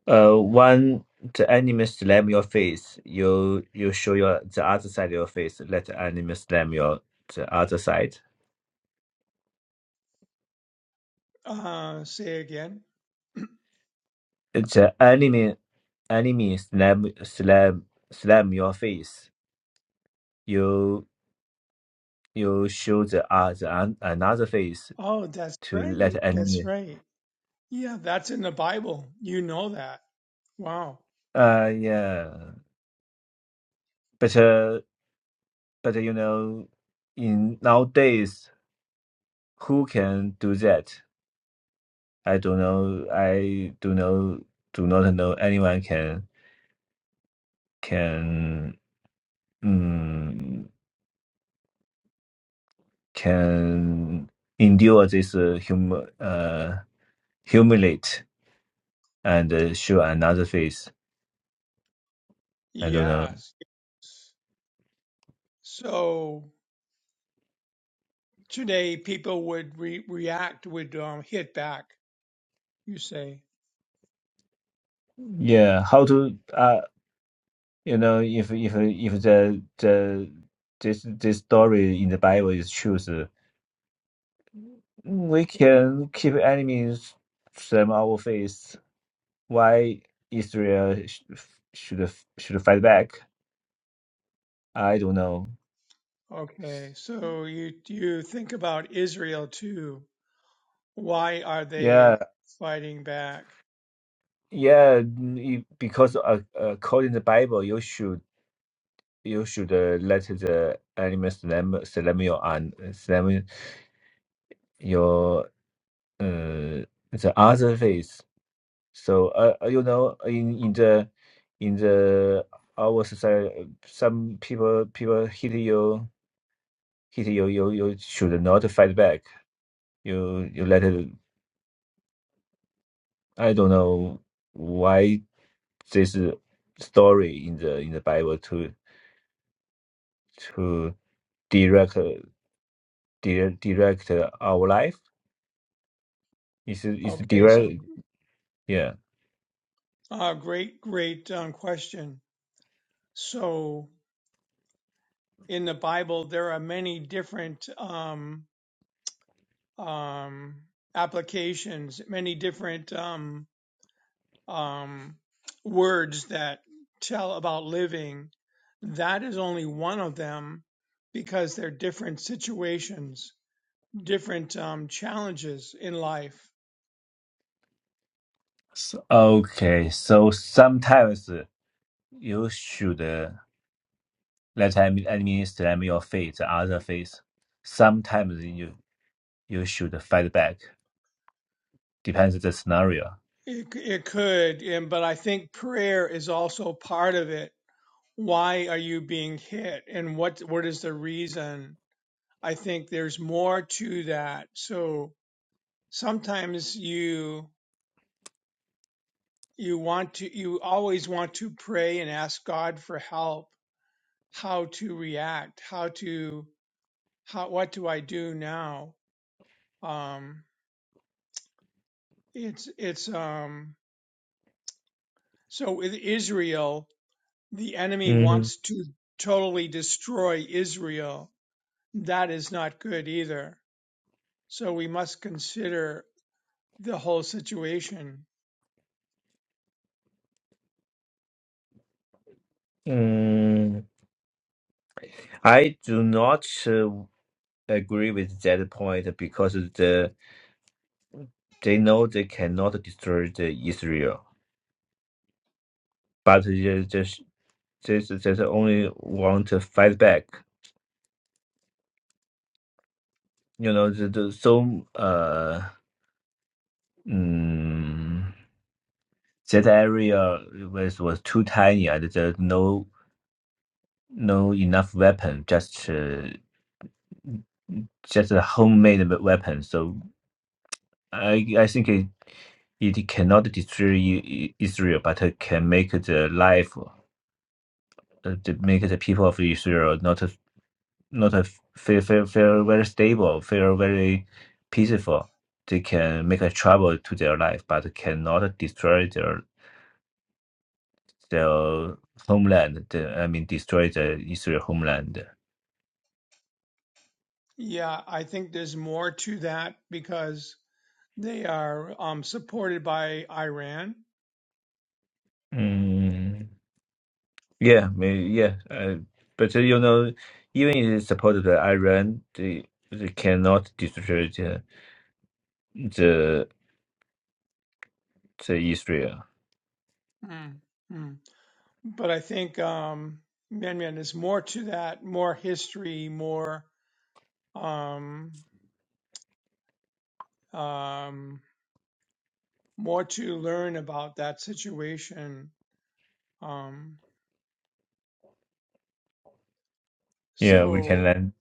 Uh, one the enemy slam your face, you you show your the other side of your face. Let the enemy slam your the other side. Uh, say again. The enemy enemy slam slam slam your face. You you show the other an- another face Oh, that's to right. let That's enemy. right. Yeah, that's in the Bible. You know that. Wow. Uh yeah, but uh, but you know, in nowadays, who can do that? I don't know. I do know. Do not know anyone can. can mm, can endure this uh, hum uh, humiliate and uh, show another face. I don't know. Yes. So Today, people would re- react would um, hit back. You say, Yeah, how to uh you know if if if the the this this story in the Bible is true, uh, we can keep enemies from our face. Why Israel sh- should should fight back? I don't know. okay, so you you think about Israel too. Why are Yeah. they fighting back? Yeah, you, because uh, uh, according to the Bible, you should you should uh, let the animal slam slam your and slam your uh, the other face. So uh, uh, you know in in the in the our society, some people people hit you hit you you you should not fight back. You you let it. I don't know why this story in the in the Bible to to direct. uh, di- direct uh, our life. It's it's Okay, so direct. Yeah. uh, great, great um, question. So in the Bible, there are many different um, um, applications, many different um, um, words that tell about living, that is only one of them because they're different situations, different um, challenges in life. So, okay. So sometimes you should uh, let admi- administer your faith, other faith. Sometimes you you should fight back. Depends on the scenario. It, it could, and, but I think prayer is also part of it. Why are you being hit, and what what is the reason? I think there's more to that. So sometimes you you want to you always want to pray and ask God for help how to react, how to how what do I do now? Um, it's it's um, so with Israel, the enemy hmm wants to totally destroy Israel. That is not good either. So we must consider the whole situation. Mm, I do not uh, agree with that point because the they know they cannot destroy the Israel, but they just they, they only want to fight back you know the, the so uh mm, that area was was too tiny and there's no no enough weapon just uh, just a homemade we- weapon so i i think it it cannot destroy I- I- israel but it can make the life uh, to make the people of israel not a, not a feel, feel, feel very stable feel very peaceful they can make a trouble to their life but cannot destroy their the homeland. The, I mean, destroy the Israel homeland. Yeah, I think there's more to that because they are um, supported by Iran Mm, yeah, maybe, yeah. Uh, but uh, you know, even if it's supported by Iran, they, they cannot destroy the, the the Israel. Mm, mm. But I think um, Mian Mian is more to that, more history, more um, um, more to learn about that situation. Um, Yeah, we can so land.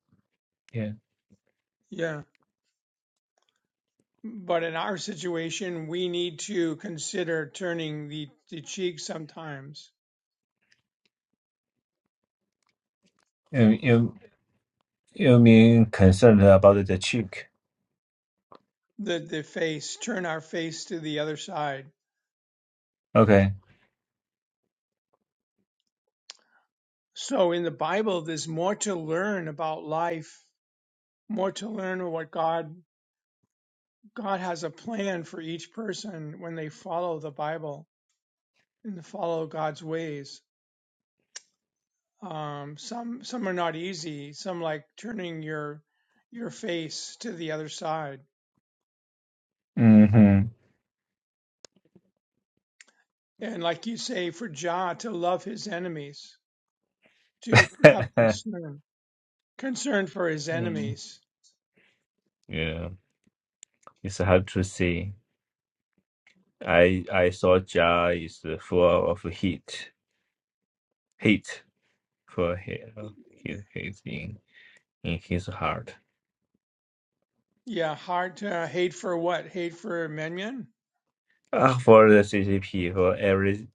Yeah, yeah. But in our situation, we need to consider turning the, the cheek sometimes, you you you mean concerned about the cheek? the, the face, turn our face to the other side. Okay. So in the Bible, there's more to learn about life, more to learn what God God has a plan for each person when they follow the Bible and they follow God's ways. Um, some some are not easy. Some like turning your your face to the other side, Mm-hmm. and like you say, for Jah to love his enemies, to have concern concern for his mm. enemies. Yeah, it's hard to see. I I saw Jah is full of heat. Hate. for his, his, his in, in his heart. Yeah, hard to hate for what? Hate for Menyan? Uh, for the CCP, for every,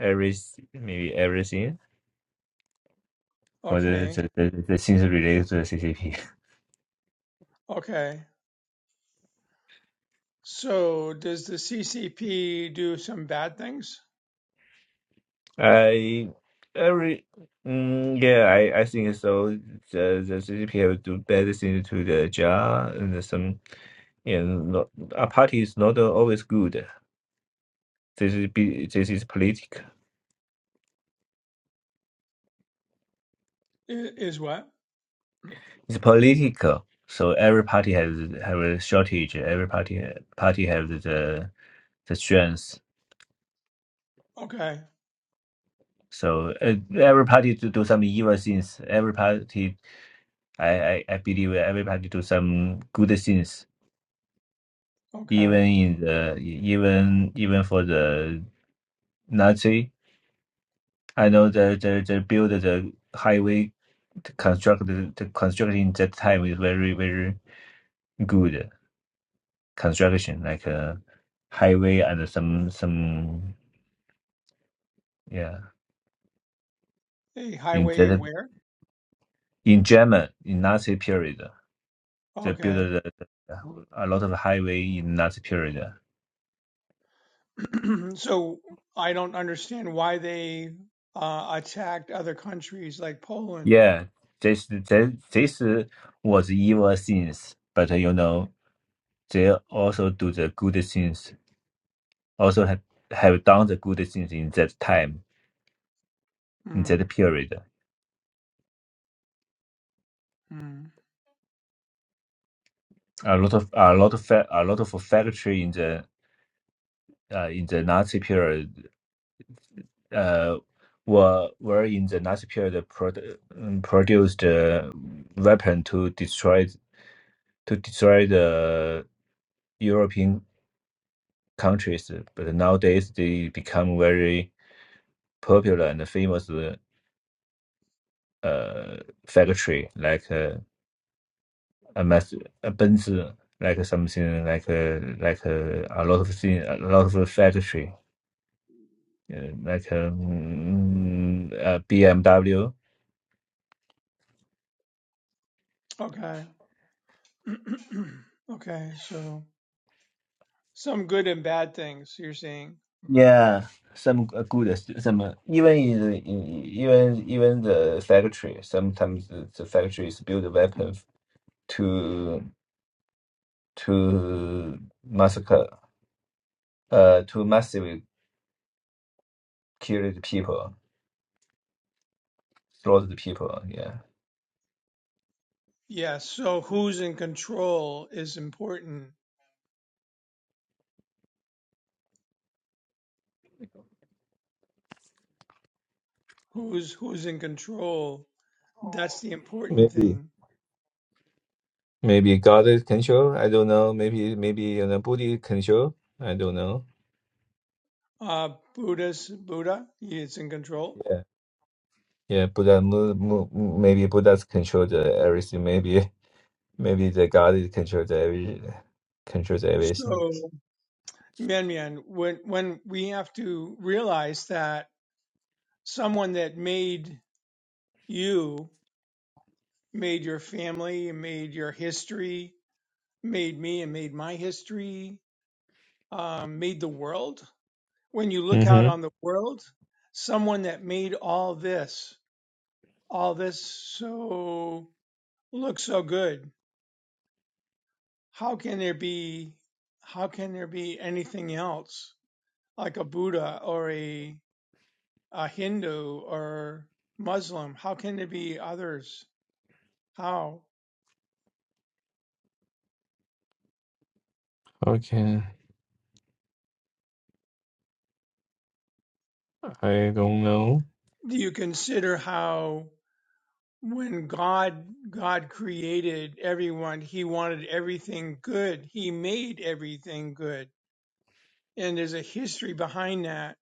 every, maybe everything, for the, Okay, the, the, the things related to the CCP. okay. So does the CCP do some bad things? I, every, mm, yeah, I, I think so. The, the CCP have do better things to the jar and some, and not, a party is not always good. This is, be- this is political. I- Is what? It's political. So every party has have a shortage. Every party party has the the strength. Okay. So uh, everybody to do some evil things. Everybody, I, I, I believe everybody do some good things. Okay. Even in the even even for the Nazi, I know the the, the build the highway to construct the, the construction that time is very very good construction like a highway and some some yeah A in highway the, where? in German in Nazi period. They built Okay. a, a lot of highway in that period. so I don't understand why they uh, attacked other countries like Poland. Yeah, this this, this was evil things, but you know they also do the good things. Also have, have done the good things in that time in mm that period. mm. A lot of a lot of fa- a lot of factory in the uh, in the Nazi period uh, were were in the Nazi period produ- um, produced uh, weapon to destroy to destroy the European countries, but nowadays they become very popular and famous uh, factory like uh, a mass a Benz, like something like uh, like uh, a lot of thing, a lot of factory uh, like um, uh, BMW. Okay. okay. So some good and bad things you're saying. Yeah, some uh, good, uh, some uh, even in the, in- even even the factory. Sometimes the, the factories build weapons to to massacre uh, to massively kill the people, slaughter the people. Yeah, Yes. So who's in control is important. Who's who's in control? That's the important maybe thing. maybe God is control. I don't know. Maybe maybe you know Buddha control. I don't know. uh, Buddha's Buddha. He is in control. Yeah, yeah. Buddha mo- mo- maybe Buddha's control the everything. Maybe maybe the God is control the every controls everything. So, Mian Mian, when when we have to realize that someone that made you, made your family, made your history, made me, and made my history, um, made the world. When you look out Mm-hmm. on the world, someone that made all this, all this so look so good. How can there be? How can there be anything else? like a Buddha or a, a Hindu or Muslim? How can there be others? How I don't. do you consider how when God God created everyone, He wanted everything good. He made everything good, and there's a history behind that,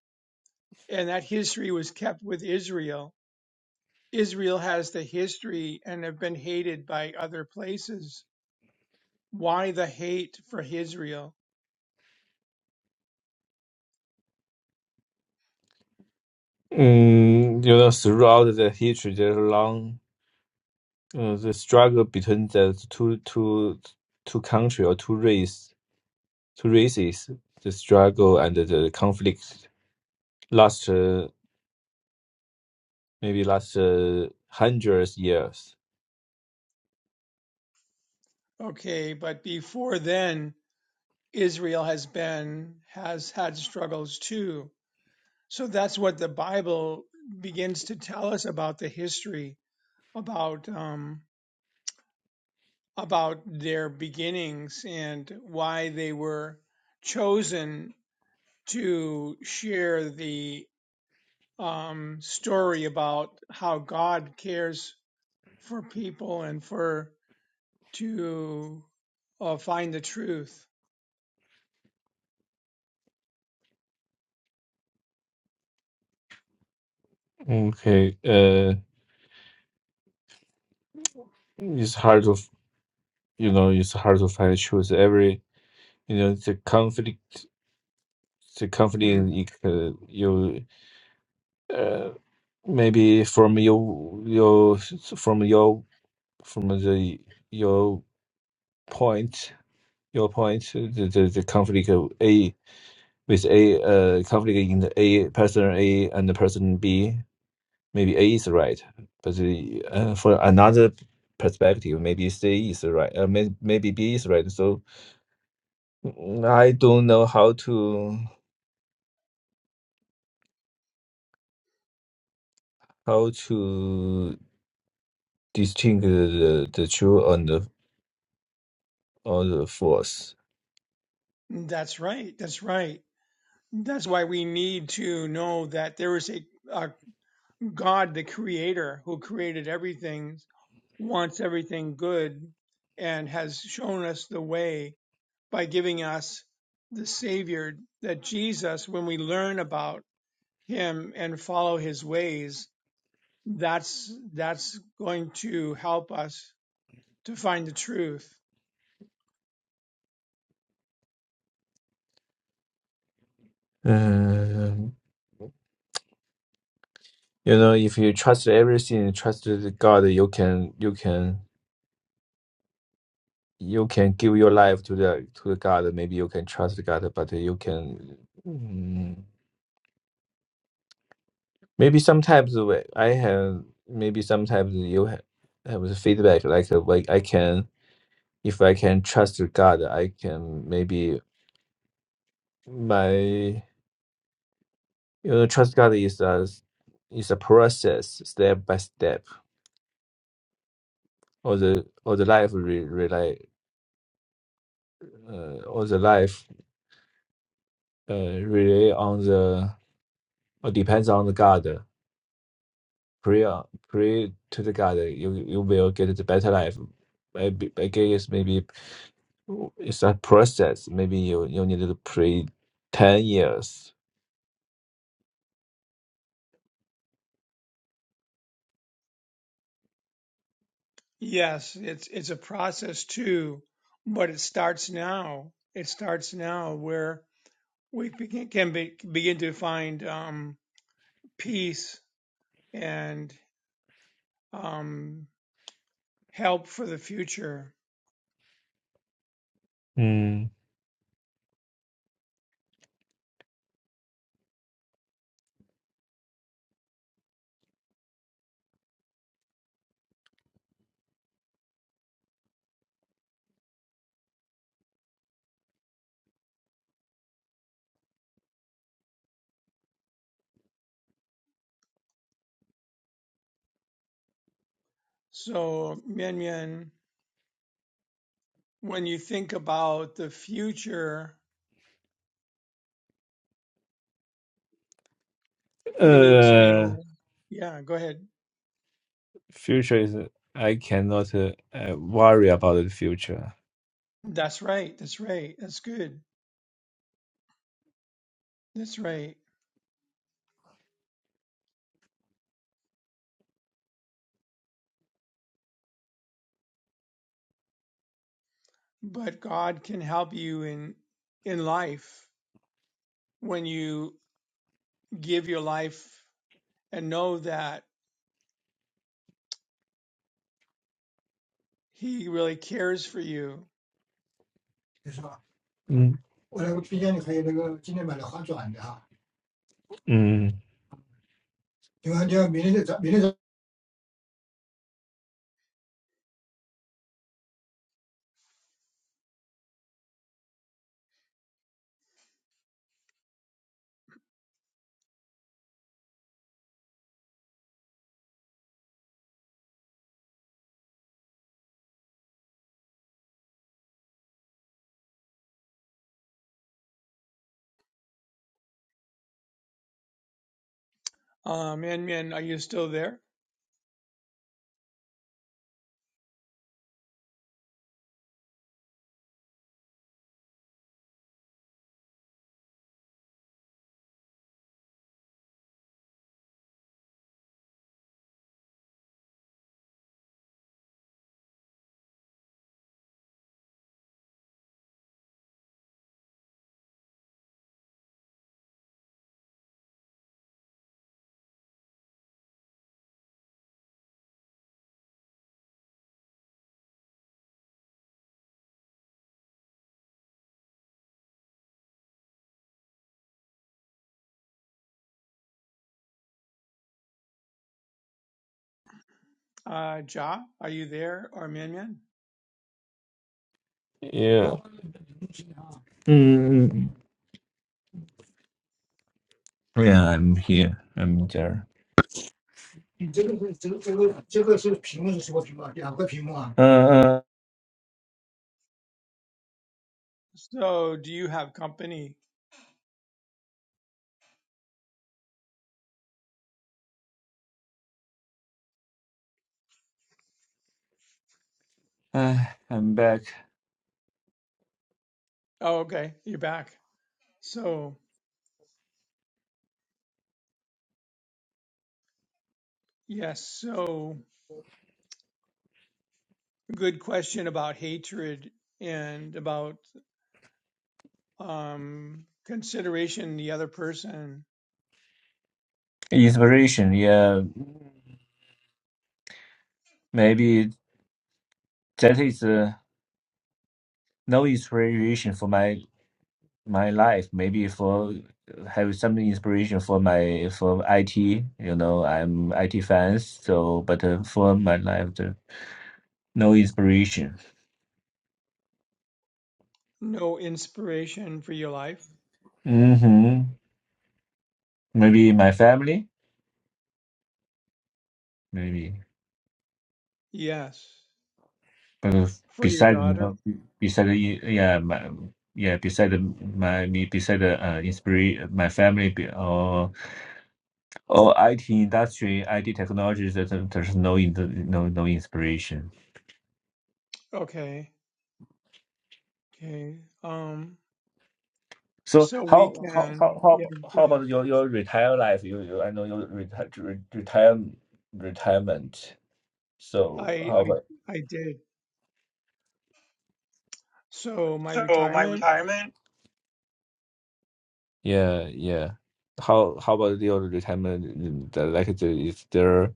and that history was kept with Israel. Israel has the history and have been hated by other places. Why the hate for Israel? Mm, you know, throughout the history, there's a long. uh, the struggle between the two two two country or two race two races the struggle and the conflict last uh, maybe last uh, hundreds years Okay, but before then, Israel has been has had struggles too. So that's what the Bible begins to tell us about the history about um, about their beginnings and why they were chosen to share the um, story about how God cares for people and for to uh, find the truth. okay uh it's hard to you know it's hard to find truth every you know the conflict the conflict Mm, uh, you uh, maybe from your your from your from the your point your point, the, the, the conflict of A with A uh, conflict in the A person A and the person B, maybe A is right, but the, uh, for another perspective, maybe C is right, uh, may, maybe B is right. So mm, I don't know how to how to distinguish the, the true and the or the false. that's right. That's right. That's why we need to know that there is a, a God, the creator, who created everything, wants everything good, and has shown us the way by giving us the Savior, that Jesus, when we learn about him and follow his ways, that's, that's going to help us to find the truth. Um, you know, if you trust everything, trust the God, you can you can. you can give your life to the to the God. Maybe you can trust God, but you can mm, maybe sometimes wh- I have maybe sometimes you have, have a feedback like uh, like I can if I can trust God, I can maybe my you know trust God is a is a process step by step or the or the life re, rely uh, or the life uh, rely on the or depends on the God Pray, uh, pray to the God that you you will get the better life. Maybe I guess maybe it's a process. Maybe you you need to pray ten years. Yes, it's, it's a process too, but it starts now. It starts now where we begin, can be, begin to find um, peace and um, help for the future. Mm. So, Mian Mian, when you think about the future, we need to Uh, know. Yeah, go ahead. future is I cannot uh, uh, worry about the future. That's right. That's right. That's good. That's right. But God can help you in in life when you give your life and know that He really cares for you Yes. Uh, Min Min, are you still there? Uh, Ja, are you there or Min Min? I'm here. I'm there. 你这个是这个这个这个是屏幕是什么屏幕啊？两个屏幕啊？Uh, So, do you have company? uh, I'm back. Oh, okay, you're back. So, yes, so good question about hatred and about um, consideration the other person. Inspiration, yeah, maybe that is uh, no inspiration for my my life. Maybe for have some inspiration for my for IT. You know, I'm IT fans. So, but uh, for my life, the, no inspiration. No inspiration for your life? Mm-hmm. Maybe my family. Maybe. Yes. Uh, For your beside daughter? the- beside the, yeah my yeah beside the- my me beside the, uh inspire my family be- or or IT industry IT technologies there's there's no in- no no inspiration. Okay. Okay. Um, So So we how how how can, how yeah, go how ahead. about your your retire life? You, you I know your retire retire retirement. So I, how about I, I did. So my So my retirement, retirement. yeah yeah how how about your retirement? uh, Like the, is there?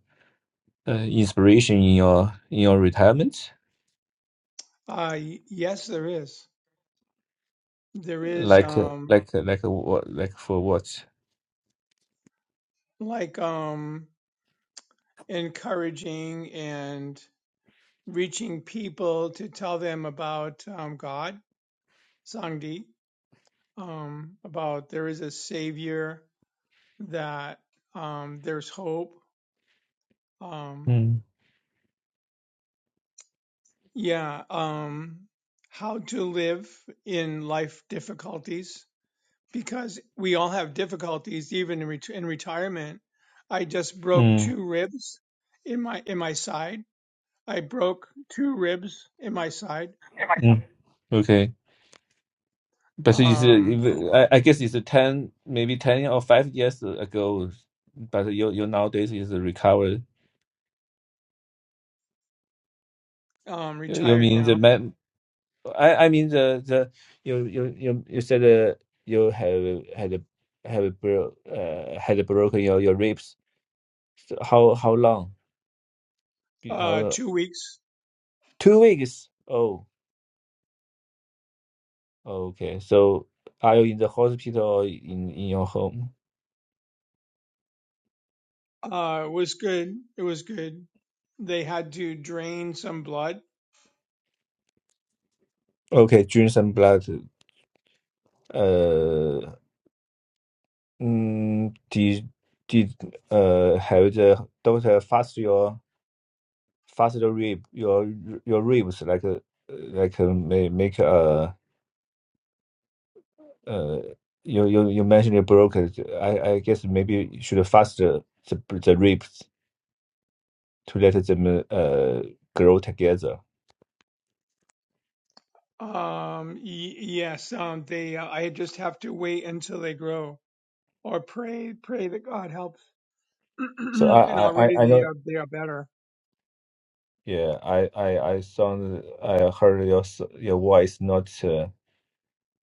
uh, inspiration in your in your retirement? uh, y- yes, there is. There is, Like uh, um, like uh, like uh, what like for what? like, um, encouraging and reaching people to tell them about, um, God, Sangdi, um, about there is a savior that, um, there's hope. Um, Mm. yeah, um, how to live in life difficulties because we all have difficulties even in, ret- in retirement i just broke Mm. two ribs in my in my side i broke two ribs in my side Mm. Okay, but it's uh, um if- I I guess it's a ten maybe ten or five years ago. But you you nowadays is recovered. um You, you retired mean the now man? I I mean the the you you you you said uh, you have had a have a bro, uh, had a broken your your ribs. So how how long? Be- uh How two weeks two weeks? Oh. Okay, so are you in the hospital or in in your home? uh it was good it was good they had to drain some blood Okay, drinks some blood. Uh, mm, did did uh have the doctor fast your fast the rib your your ribs like uh, like uh, may make uh uh you you you mentioned you broke it broken. I I guess maybe you should fast the the, the ribs to let them uh grow together. um y- yes um they uh, i just have to wait until they grow or pray pray that god helps So and I I already I I they know are they are better Yeah, I I I sound I heard your s- your voice not uh,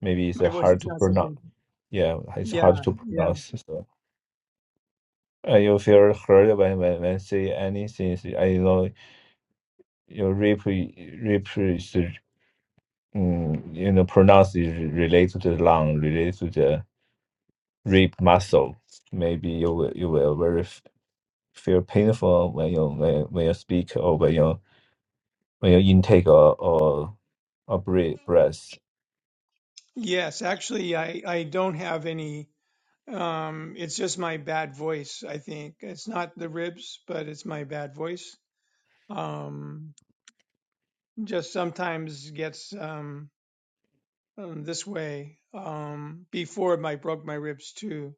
maybe it's uh, my voice hard is to not so good pronounce. Yeah, it's Yeah, hard to yeah. pronounce. So uh, you feel heard when when when say anything. I know your rip rip is um, you know pronounce is related to the lung, related to the rib muscle. Maybe you will you will very f- feel painful when you when when you speak or when you when you intake or or, or breathe breath. Yes, actually, I I don't have any. Um, it's just my bad voice, I think. It's not the ribs, but it's my bad voice. Um, just sometimes gets um, um this way. Um, before I broke my ribs too.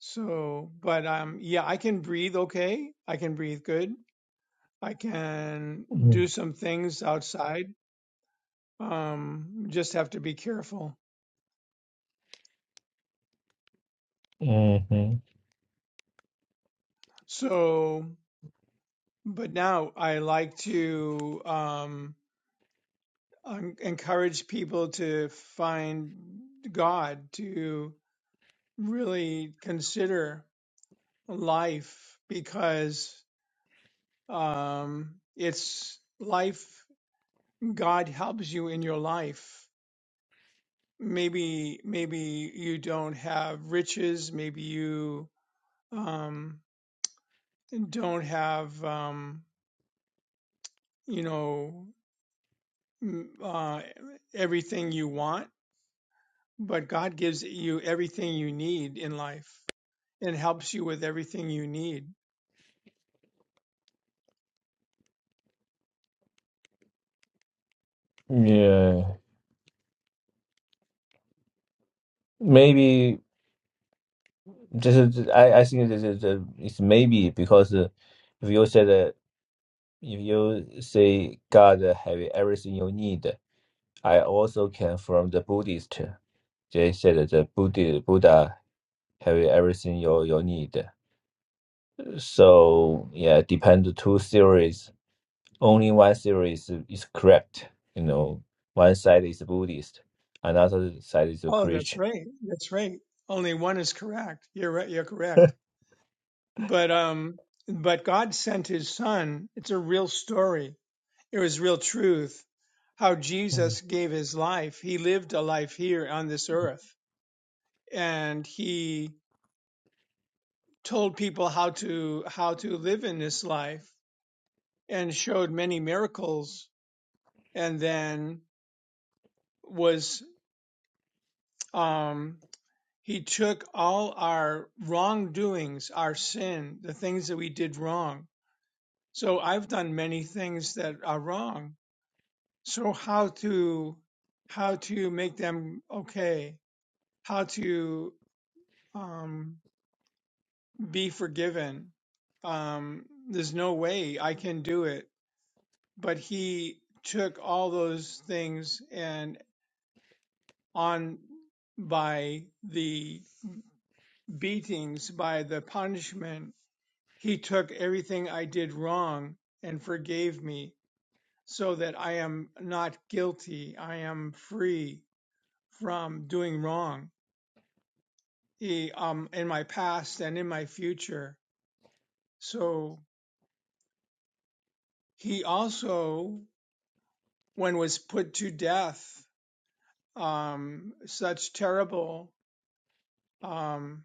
So, but um, yeah, I can breathe okay. I can breathe good. I can do some things outside. Um, just have to be careful. hmm So But now I like to um, um, encourage people to find God, to really consider life because um, it's life. God helps you in your life. Maybe, maybe you don't have riches. Maybe you um, don't have, um, you know, uh, everything you want But God gives you everything you need in life and helps you with everything you need. Yeah. Maybe this is I, I think this is a, it's maybe because uh, if you say that if you say God have everything you need, I also came from the Buddhist. They said that the Buddha Buddha have everything you you need. So yeah, depend the two theories. Only one theory is, is correct. You know, one side is Buddhist, another side is Oh, that's Christian. right. That's right. Only one is correct. You're right. You're correct. But um, but God sent His Son. It's a real story. It was real truth. How Jesus gave His life. He lived a life here on this earth, and He told people how to how to live in this life, and showed many miracles. And then was um, he took all our wrongdoings, our sin, the things that we did wrong. So I've done many things that are wrong. So how to how to make them okay? How to um, be forgiven? Um, there's no way I can do it. But he took all those things and on by the beatings, by the punishment He took everything I did wrong and forgave me so that I am not guilty. I am free from doing wrong he, um, in my past and in my future. So he also, when was put to death, um, such terrible um,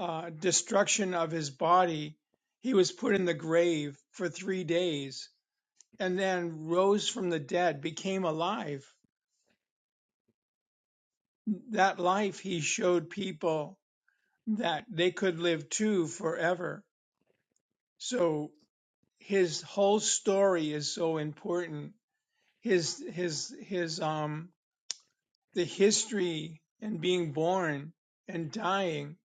uh, destruction of his body, he was put in the grave for three days and then rose from the dead, became alive that life he showed people that they could live too forever so his whole story is so important his his his um the history and being born and dying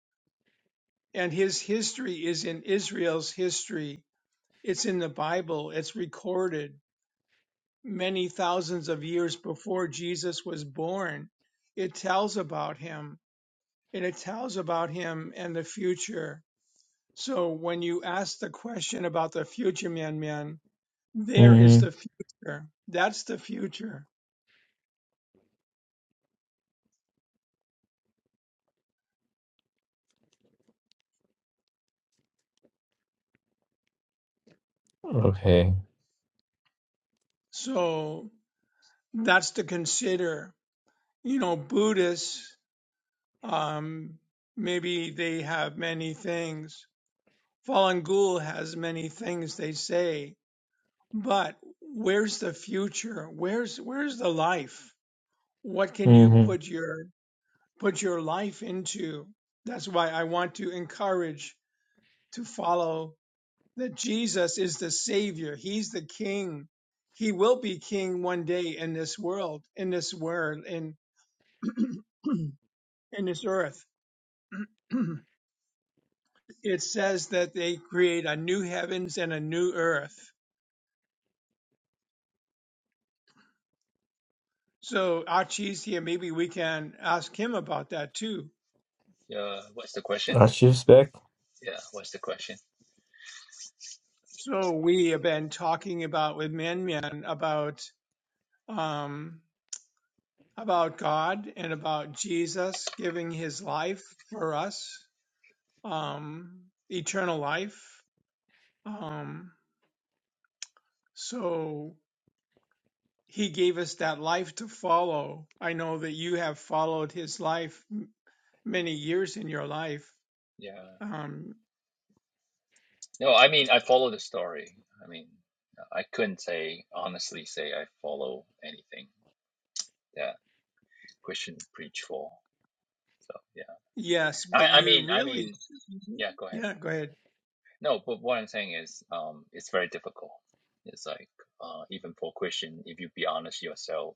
and his history is in Israel's history it's in the bible it's recorded many thousands of years before Jesus was born it tells about him and it tells about him and the future So when you ask the question about the future Myanmar, there is Mm-hmm. the future. That's the future. Okay. So that's to consider. You know, Buddhists, um, maybe they have many things. Falun Gul has many things they say, but where's the future? Where's where's the life? What can you Mm-hmm. put your put your life into? That's why I want to encourage to follow that Jesus is the Savior. He's the King. He will be King one day in this world, in this world, in in this earth. it says that they create a new heavens and a new earth. So Archie's here. Maybe we can ask him about that too. Yeah, what's the question? Archiv's back. Yeah, what's the question? So we have been talking about with Min Min about um, about God and about Jesus giving His life for us, um, eternal life, Um, so he gave us that life to follow. I know that you have followed his life m- many years in your life. Yeah. Um, No, I mean I follow the story. I mean, I couldn't say honestly say I follow anything that Christian preach for. So yeah, yes, but I I you mean I really, mean yeah, go ahead. yeah, go ahead. No, but what I'm saying is, um, it's very difficult. It's like, uh, even for Christian, if you be honest yourself,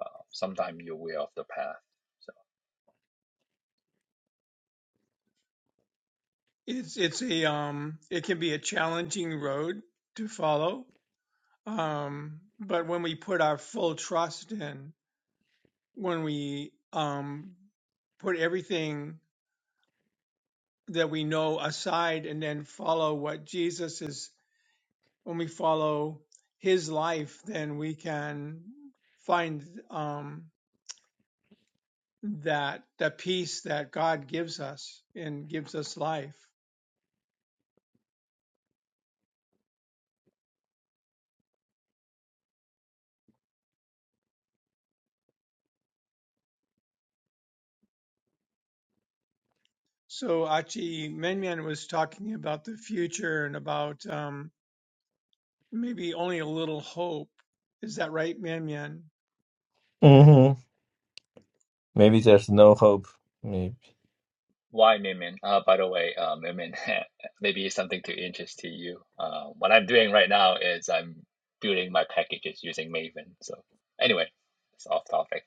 uh, sometimes you're way off the path. So It's, it's a, um, it can be a challenging road to follow. Um, but when we put our full trust in, when we, um, put everything that we know aside and then follow what Jesus is when we follow his life, then we can find um, that the peace that God gives us and gives us life. So Achi Menmian was talking about the future and about um, maybe only a little hope. Is that right, Mian Mian? Mm-hmm. Maybe there's no hope. Maybe why Mimin? Uh, by the way, uh, Mimin, maybe it's something to interest to you. Uh, what I'm doing right now is I'm building my packages using Maven. So anyway, it's off topic.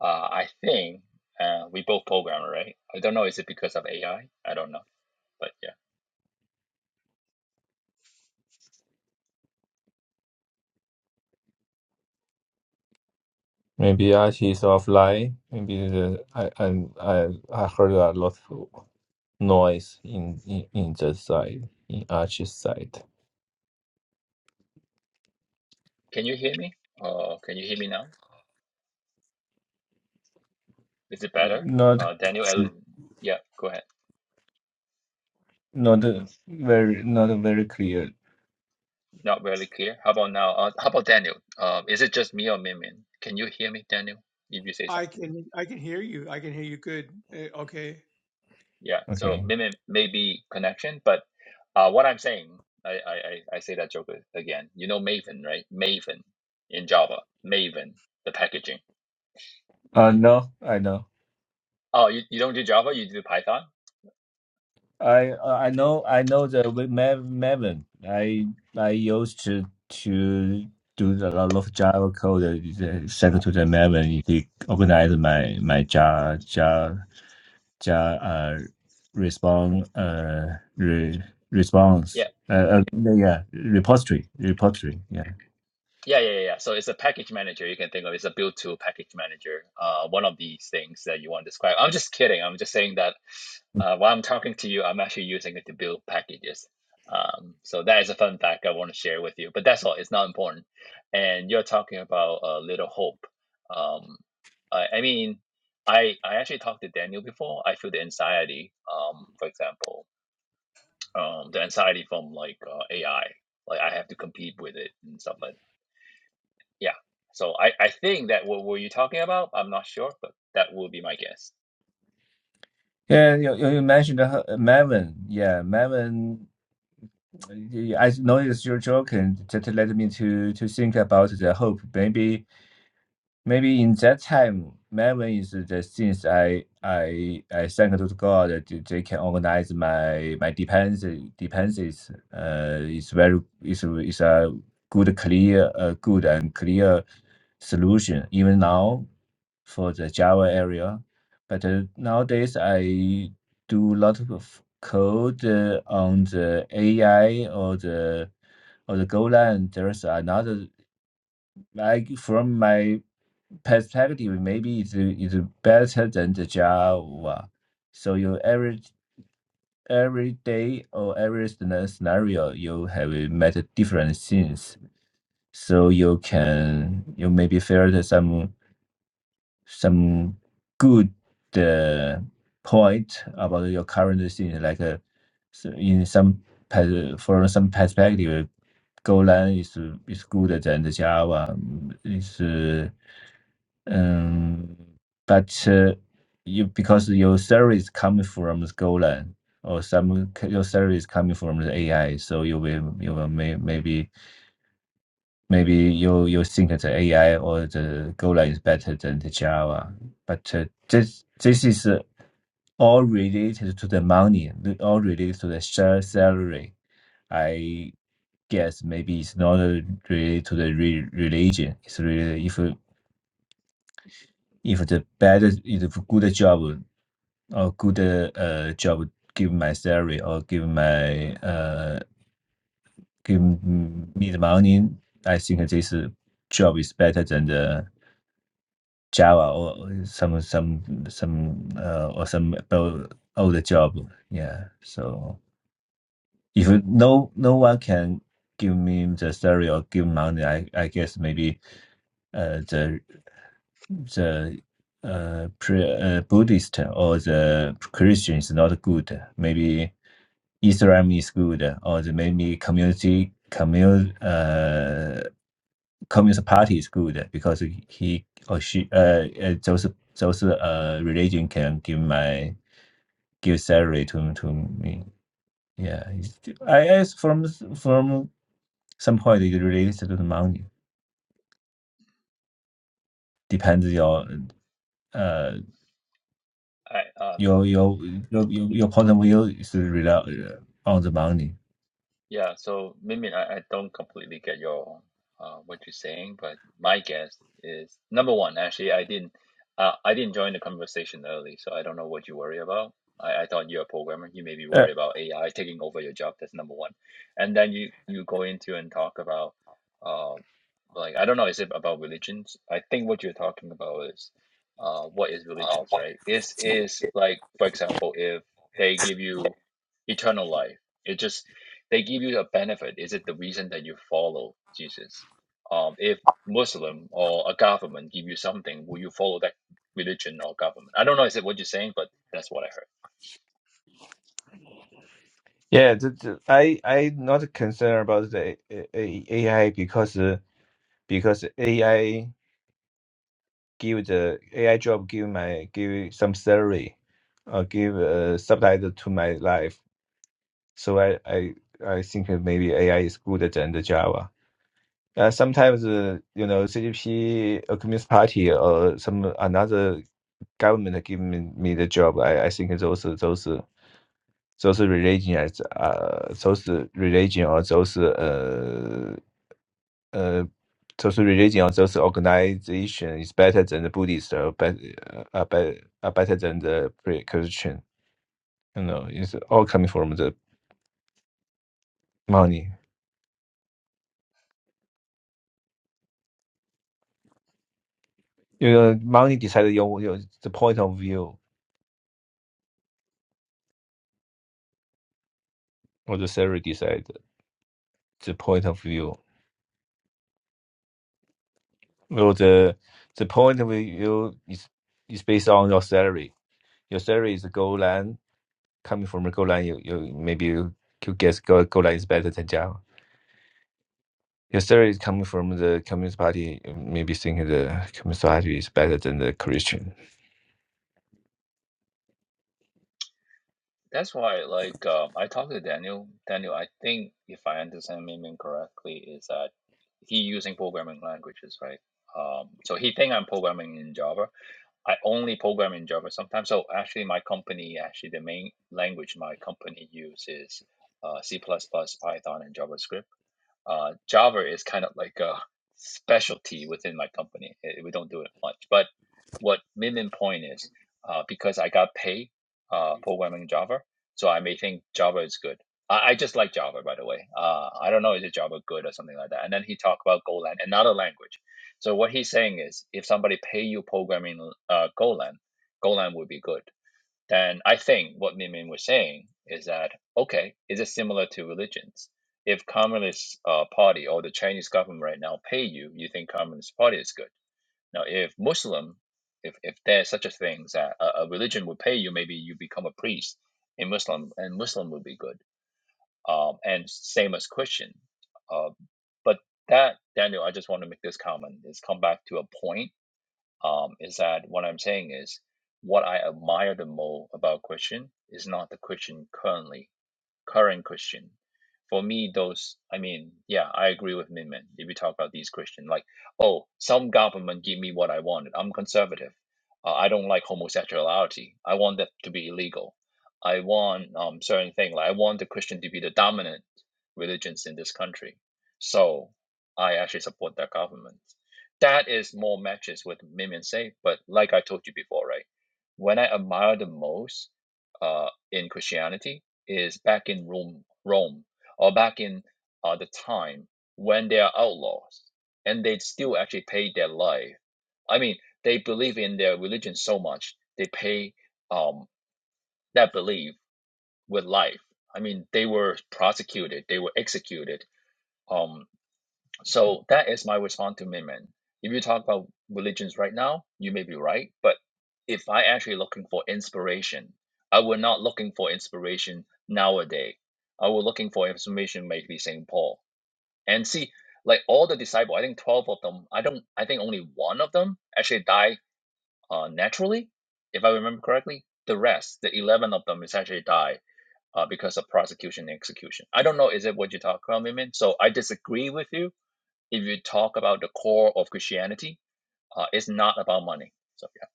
Uh, I think uh, we both programmer, right? I don't know. Is it because of AI? I I don't know. But yeah, maybe Archie is offline. Maybe the, I I I I heard a lot of noise in in, in the side in Archie's side. can you hear me? Oh, can you hear me now? Is it better? Not Uh, Daniel, Ellie, yeah, go ahead. not very not very clear. Not really clear. How about now? Uh, how about Daniel? Um, is it just me or Mimin? Can you hear me, Daniel? If you say I something, can I can hear you. I can hear you good. Eh, Okay. yeah. So Okay. Mimin may be connection, but uh, what I'm saying, I, I I I say that joke again. You know Maven, right? Maven in Java, Maven the packaging. Uh no, I know. Oh, you, you don't do Java, you do Python? I uh, I know I know the with Mav Maven. I I used to to do a lot of Java code uh, send to the Maven. He organized my my Java Java Java uh, response uh re, Yeah. response uh, uh yeah repository repository yeah. Yeah, yeah, yeah. yeah. So it's a package manager. You can think of it. it's a build to package manager. Uh, one of these things that you want to describe. I'm just kidding. I'm just saying that uh, while I'm talking to you, I'm actually using it to build packages. Um, so that is a fun fact I want to share with you. But that's all. It's not important. And you're talking about uh, Little Hope. Um, I, I mean, I I actually talked to Daniel before. I feel the anxiety. Um, for example, um, the anxiety from like uh, AI. Like I have to compete with it and stuff like yeah. So I, I think that what were you talking about? I'm not sure, but that will be my guess. Yeah, you, you you mentioned uh, Maven. Yeah, Maven. uh, I noticed your joke, and that led me to to think about the hope. Maybe maybe in that time, Maven is the things I I I thank to God that they can organize my my dependencies. Dependencies. Uh, it's very it's it's a good clear uh, good and clear solution. Even now for the Java area. But uh, nowadays, I do a lot of code uh, on the AI or the or the Golang. There's another like from my perspective, maybe it's it's better than the Java. So you every every day or every scena- scenario you have met different things so you can you maybe felt some some good uh, point about your current scene. Like uh, so in some pers- for some perspective, Golang is is good than Java. mm, Is uh, um, but uh, you because your service coming from the Golang or some c- your service coming from the AI, so you will you will may, maybe Maybe you you think that AI or the Golang is better than the Java, but uh, this this is uh, all related to the money, the- all related to the share salary. I guess maybe it's not uh, related to the re religion. It's really if uh, if the better if a good job or good uh, uh, job give my salary or give my uh give me the money, I think this uh, job is better than the Java or some some some uh, or some about other job. Yeah. So if you- no no one can give me the salary or give money, I I guess maybe uh, the the uh, pre, uh, Buddhist or the Christian is not good. Maybe Islam is good, or the maybe community commun uh. Communist Party is good because he or she, uh, uh those those uh religion can give my give salary to to me. Yeah, it's- I guess from from some point it relates to the money. Depends your uh I um your your your your your point of view is rela- on the money. Yeah, so Mimi, I, I don't completely get your uh, what you're saying, but my guess is number one, actually, I didn't uh, I didn't join the conversation early, so I don't know what you worry about. I, I thought you're a programmer. You maybe worry about AI taking over your job. That's number one. And then you you go into and talk about uh, like I don't know, is it about religions? I think what you're talking about is uh, what is religions, right? Is is like for example, if they give you eternal life. It just they give you a benefit. Is it the reason that you follow Jesus? Um, if Muslim or a government give you something, will you follow that religion or government? I don't know. Is it what you're saying? But that's what I heard. Yeah, the, the, I I not concerned about the A- A- AI because uh, because AI. give the AI job give my give some salary, uh, give a subtitle to my life. So I I I think that maybe AI is good than the Java. Uh, sometimes uh, you know CGP, Communist Party, or some another government give me, me the job. I, I think those those those religion uh those religion or those uh, uh, social religion or social organization is better than the Buddhist or better are, be- are better than the pre-Christian. You know, it's all coming from the money. You know, money decides your, your the point of view, or the salary decides the point of view. Well, the the point of view is is based on your salary. Your salary is the goal line coming from the goal line. You, you maybe you, you guess goal, goal line is better than Java Yesterday is coming from the Communist Party, maybe thinking the Communist Party is better than the Christian. That's why, like, um, I talked to Daniel. Daniel, I think if I understand him correctly, is that he using programming languages, right? Um, so he think I'm programming in Java, I only program in Java sometimes. So actually, my company, actually the main language my company uses uh, C++, plus plus, Python, and JavaScript. Uh, Java is kind of like a specialty within my company. Eh, we don't do it much. But what minimum Point is, uh, because I got paid uh, programming Java, so I may think Java is good. I, I just like Java, by the way. Uh, I don't know, is it Java good or something like that? And then he talked about Golang, another language. So what he's saying is, if somebody pay you programming uh, Golang, Golang would be good then I think what Min Min was saying is that okay, is it similar to religions? If Communist uh, Party or the Chinese government right now pay you, you think Communist Party is good. Now, if Muslim, if if there's such a thing that a, a religion would pay you, maybe you become a priest in Muslim, and Muslim would be good. Um, and same as Christian. Uh, but that Daniel, I just want to make this comment. Is come back to a point um, is that what I'm saying is what I admire the most about Christian is not the Christian currently current Christian. For me, those, I mean, yeah, I agree with Minman. If you talk about these Christian, like, oh, some government give me what I wanted. I'm conservative. Uh, I don't like homosexuality. I want that to be illegal. I want um certain thing. Like, I want the Christian to be the dominant religions in this country. So I actually support that government. That is more matches with Minman say. But like I told you before, right? When I admire the most uh, in Christianity is back in Rome, Rome or back in uh, the time when they are outlaws and they still actually pay their life. I mean, they believe in their religion so much they pay um, that belief with life. I mean, they were prosecuted, they were executed. Um, so that is my response to Minmin. If you talk about religions right now, you may be right, but if I actually looking for inspiration, I were not looking for inspiration nowadays. I were looking for information maybe Saint Paul. And see, like all the disciples, I think twelve of them. I don't. I think only one of them actually died uh, naturally, if I remember correctly. The rest, the eleven of them, is actually died uh, because of prosecution and execution. I don't know. Is it what you talk about, Minmin? So I disagree with you if you talk about the core of Christianity, uh, it's not about money. So yeah.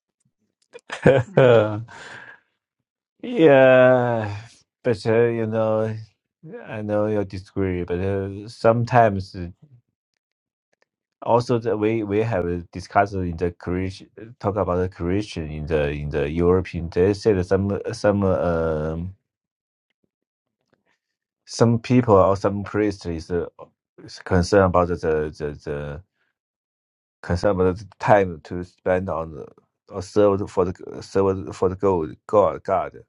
Mhm. yeah, but uh, you know, I know you disagree, but uh, sometimes uh, also the, we we have uh, discussed in the creation, talk about the creation in the in the European. They said some some um some people or some priests is, uh, is concerned about the the the, consumed time to spend on the- or served for the served for the God, God, God.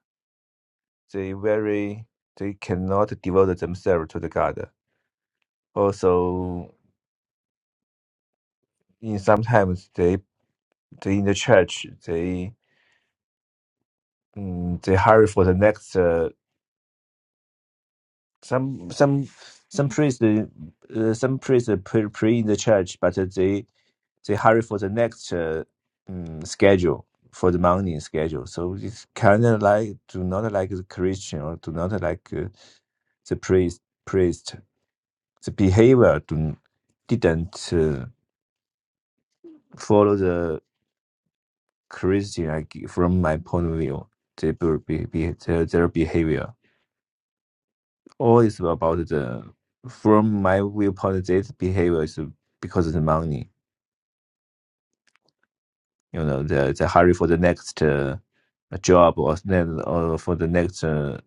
They very they cannot devote themselves to the God. Also, in sometimes they, they in the church they mm, they hurry for the next uh, some some priest uh, some priest pray, pray in the church, but they they hurry for the next uh, um, schedule for the morning schedule. So it's kind of like do not like the Christian or do not like uh, the priest. Priest, the behavior do, didn't uh, follow the Christian like, from my point of view. They be, be, be, their, their behavior. All is about the from my viewpoint. This behavior is because of the money you know the the hurry for the next uh, job or then or for the next uh,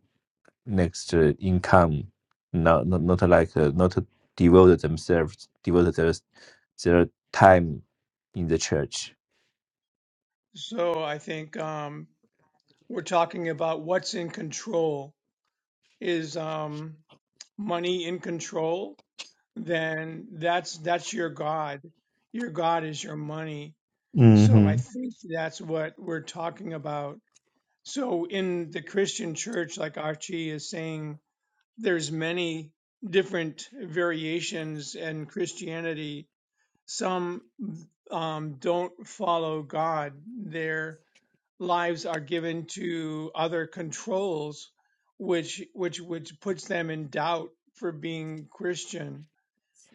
next uh, income not not, not like uh, not devote themselves devote their, their time in the church So I think um, we're talking about what's in control. Is um, money in control? then that's that's your god. Your god is your money. So I Mm-hmm. think that's what we're talking about. So in the Christian church, like Archie is saying, there's many different variations in Christianity. Some um, don't follow God. Their lives are given to other controls, which which which puts them in doubt for being Christian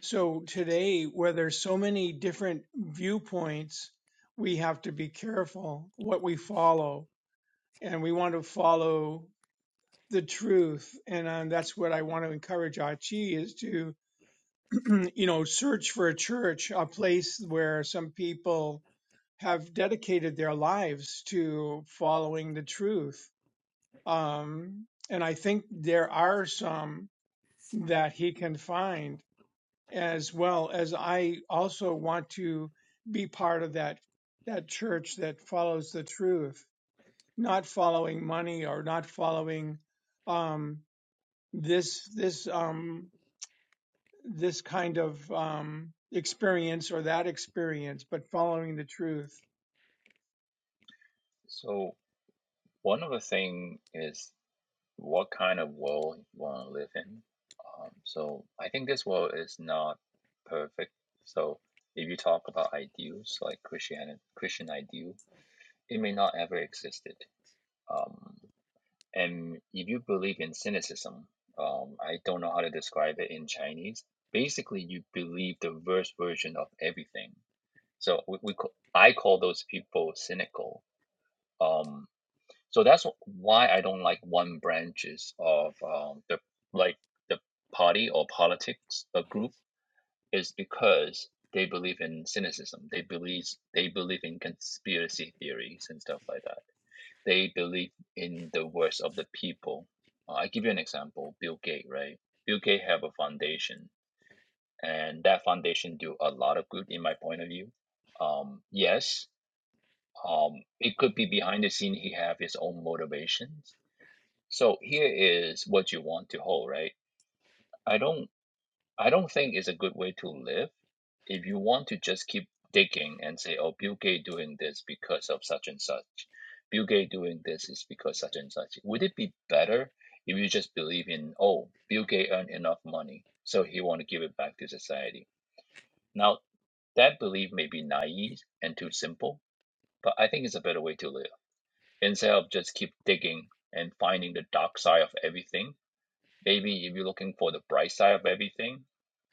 so today, where there's so many different viewpoints, we have to be careful what we follow, and we want to follow the truth. And um, that's what I want to encourage Achi is to, you know, search for a church, a place where some people have dedicated their lives to following the truth. Um, and I think there are some that he can find as well as I also want to be part of that that church that follows the truth, not following money or not following um, this this um, this kind of um, experience or that experience, but following the truth. So one of the thing is what kind of world you want to live in. Um, so I think this world is not perfect. So if you talk about ideals like Christian Christian ideal, it may not ever existed. Um, and if you believe in cynicism, um, I don't know how to describe it in Chinese. Basically, you believe the worst version of everything So we, we I call those people cynical. Um, so that's why I don't like one branches of um, the like the party or politics a group is because they believe in cynicism. They believe they believe in conspiracy theories and stuff like that. They believe in the worst of the people. Uh, I give you an example: Bill Gates, right? Bill Gates have a foundation, and that foundation do a lot of good, in my point of view. Um, yes, Um, it could be behind the scene, he have his own motivations. So here is what you want to hold, right? I don't I don't think it's a good way to live if you want to just keep digging and say, oh, Bill Gates doing this because of such and such. Bill Gates doing this is because such and such. Would it be better if you just believe in, oh, Bill Gates earned enough money, so he want to give it back to society? Now, that belief may be naive and too simple, but I think it's a better way to live. instead of just keep digging and finding the dark side of everything, maybe if you're looking for the bright side of everything,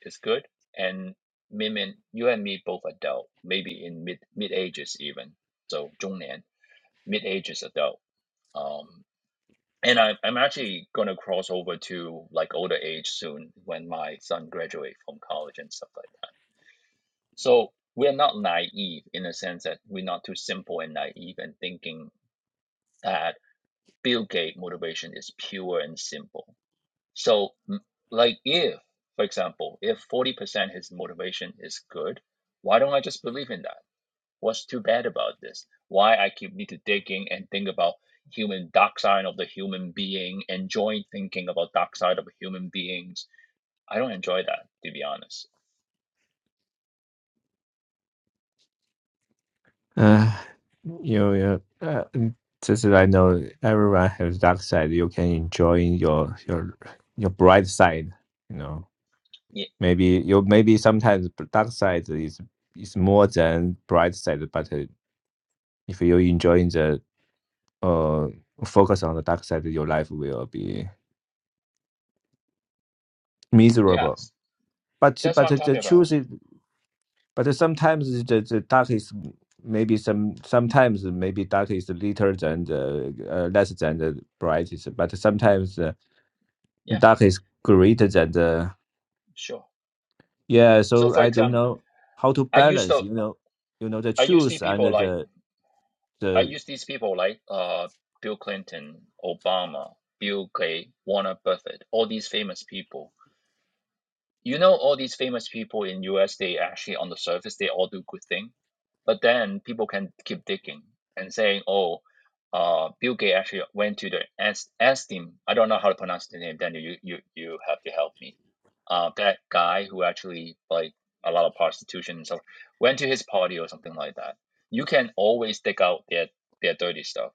it's good. And me and you and me both adult, maybe in mid mid ages even. So 中年, mid ages adult. Um, and I, I'm actually gonna cross over to like older age soon when my son graduates from college and stuff like that. So we're not naive in the sense that we're not too simple and naive and thinking that Bill Gates motivation is pure and simple. So, like, if, for example, if 40% his motivation is good, why don't I just believe in that? What's too bad about this? Why I keep need to digging and think about human dark side of the human being, enjoying thinking about dark side of human beings. I don't enjoy that, to be honest. Uh, you, you, uh, mm, just as I know, everyone has dark side. You can enjoy your your your bright side. You know, Yeah, maybe you maybe sometimes dark side is is more than bright side, but. uh, If you enjoying the uh focus on the dark side, your life will be miserable. yes, But that's but what I'm the talking truth about. is, but sometimes the, the dark is maybe some sometimes maybe dark is later than the uh, less than the brightest. But sometimes uh, Yeah, dark is greater than the sure. yeah. So, So for I don't example, know how to I used balance. to You know, you know the I used to see truth and people like the I the use these people like uh, Bill Clinton, Obama, Bill Gates, Warren Buffett, all these famous people. You know, all these famous people in US, they actually on the surface, they all do good thing. But then people can keep digging and saying, "Oh, uh, Bill Gates actually went to the Ast- Astin. I don't know how to pronounce the name. Daniel, you you you have to help me. Uh, that guy who actually like a lot of prostitution and stuff went to his party or something like that. You can always dig out their their dirty stuff.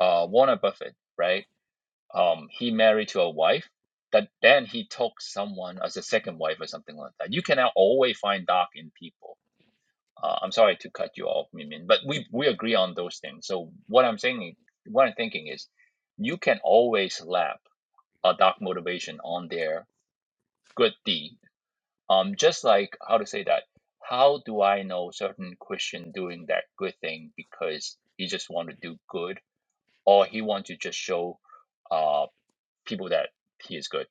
Uh, Warren Buffett, right? Um, he married to a wife that then he took someone as a second wife or something like that. You can always find dark in people uh, I'm sorry to cut you off, Mimin, but we we agree on those things. So what I'm saying, what I'm thinking is, you can always lap a dark motivation on their good deed. Um, just like how to say that. How do I know certain Christian doing that good thing because he just want to do good or he want to just show uh people that he is good?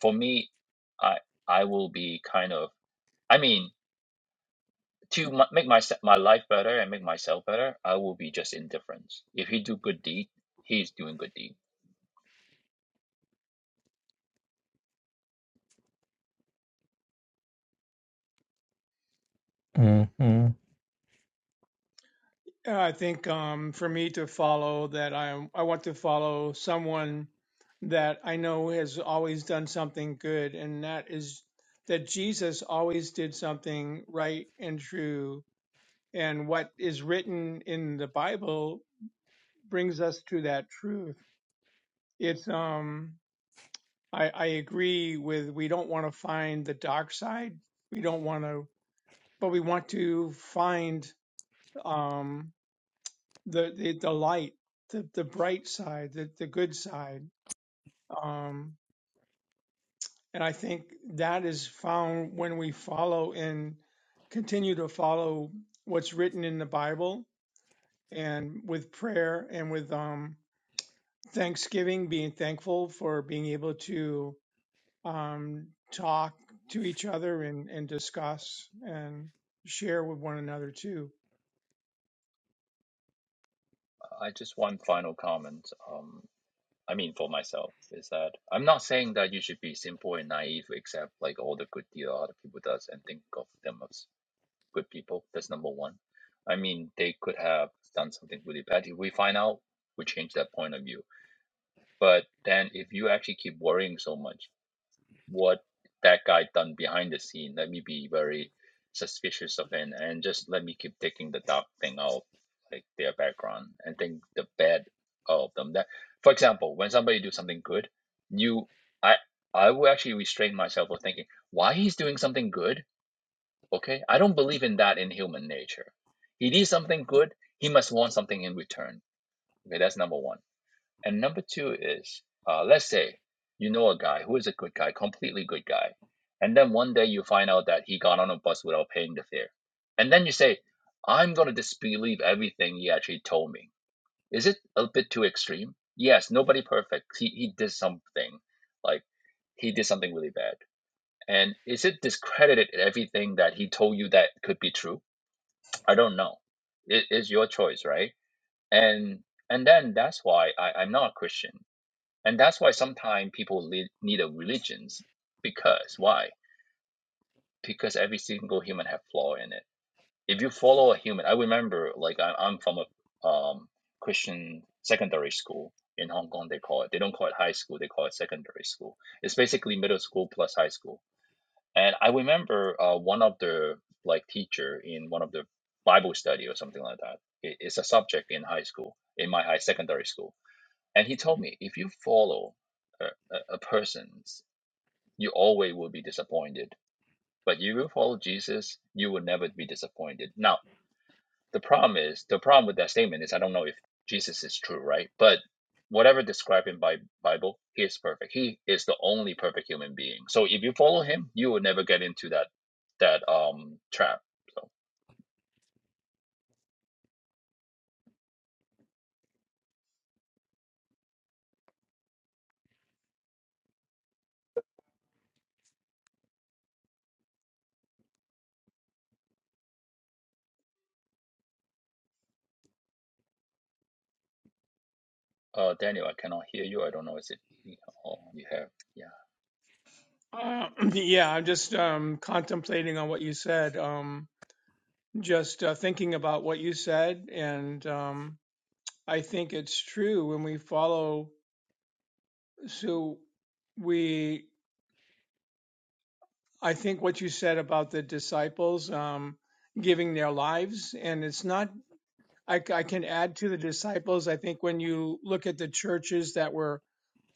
For me, I I will be kind of. I mean, to m- make my my life better and make myself better, I will be just indifference. If he do good deed, he's doing good deed. Yeah, I think um, for me to follow that, I I want to follow someone that I know has always done something good, and that is that Jesus always did something right and true, and what is written in the Bible brings us to that truth. It's um I I agree with we don't want to find the dark side, we don't want to, but we want to find. um the the, the light, the, the bright side, the, the good side. Um, and I think that is found when we follow and continue to follow what's written in the Bible and with prayer and with um, thanksgiving, being thankful for being able to um, talk to each other and, and discuss and share with one another too. I just one final comment. Um, I mean for myself is that I'm not saying that you should be simple and naive, accept like all the good deed that other people does and think of them as good people. That's number one. I mean they could have done something really bad. If we find out, we change that point of view. But then if you actually keep worrying so much what that guy done behind the scene. Let me be very suspicious of him and just let me keep taking the dark thing out, like their background, and think the bad out of them. That, for example, when somebody do something good, you, I, I will actually restrain myself from thinking why he's doing something good. Okay, I don't believe in that in human nature. He did something good. He must want something in return. Okay, that's number one. And number two is, uh, let's say you know a guy who is a good guy, completely good guy, and then one day you find out that he got on a bus without paying the fare. And then you say, I'm going to disbelieve everything he actually told me. Is it a bit too extreme? Yes, nobody perfect. He, he did something, like he did something really bad. And is it discredited everything that he told you that could be true? I don't know. It is your choice, right? And and then that's why I, I'm not a Christian and that's why sometimes people need a religions. Because why? Because every single human have flaw in it. If you follow a human, I remember like I, I'm from a um, Christian secondary school in Hong Kong. They call it. They don't call it high school. They call it secondary school. It's basically middle school plus high school. And I remember uh, one of the like teacher in one of the Bible study or something like that. It, it's a subject in high school in my high secondary school and he told me if you follow a, a, a person's, you always will be disappointed. But you will follow Jesus, you will never be disappointed. Now, the problem is the problem with that statement is I don't know if Jesus is true, right? But whatever described in Bi- Bible, he is perfect. He is the only perfect human being. So if you follow him, you will never get into that that um trap. So uh Daniel, I cannot hear you. I don't know is it he Oh, you have yeah. Uh, yeah, I'm just um, contemplating on what you said. Um, just uh, thinking about what you said, and um, I think it's true when we follow. So we, I think what you said about the disciples um, giving their lives, and it's not. I, I can add to the disciples. I think when you look at the churches that were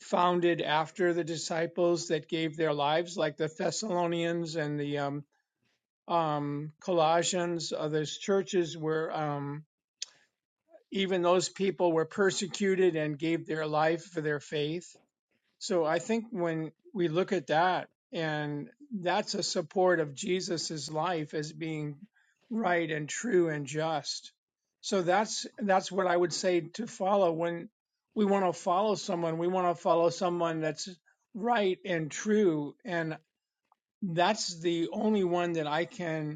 founded after the disciples that gave their lives, like the Thessalonians and the um, um, Colossians, uh, those churches were. Um, even those people were persecuted and gave their life for their faith. So I think when we look at that, and that's a support of Jesus's life as being right and true and just. So that's that's what I would say to follow when we want to follow someone. We want to follow someone that's right and true, and that's the only one that I can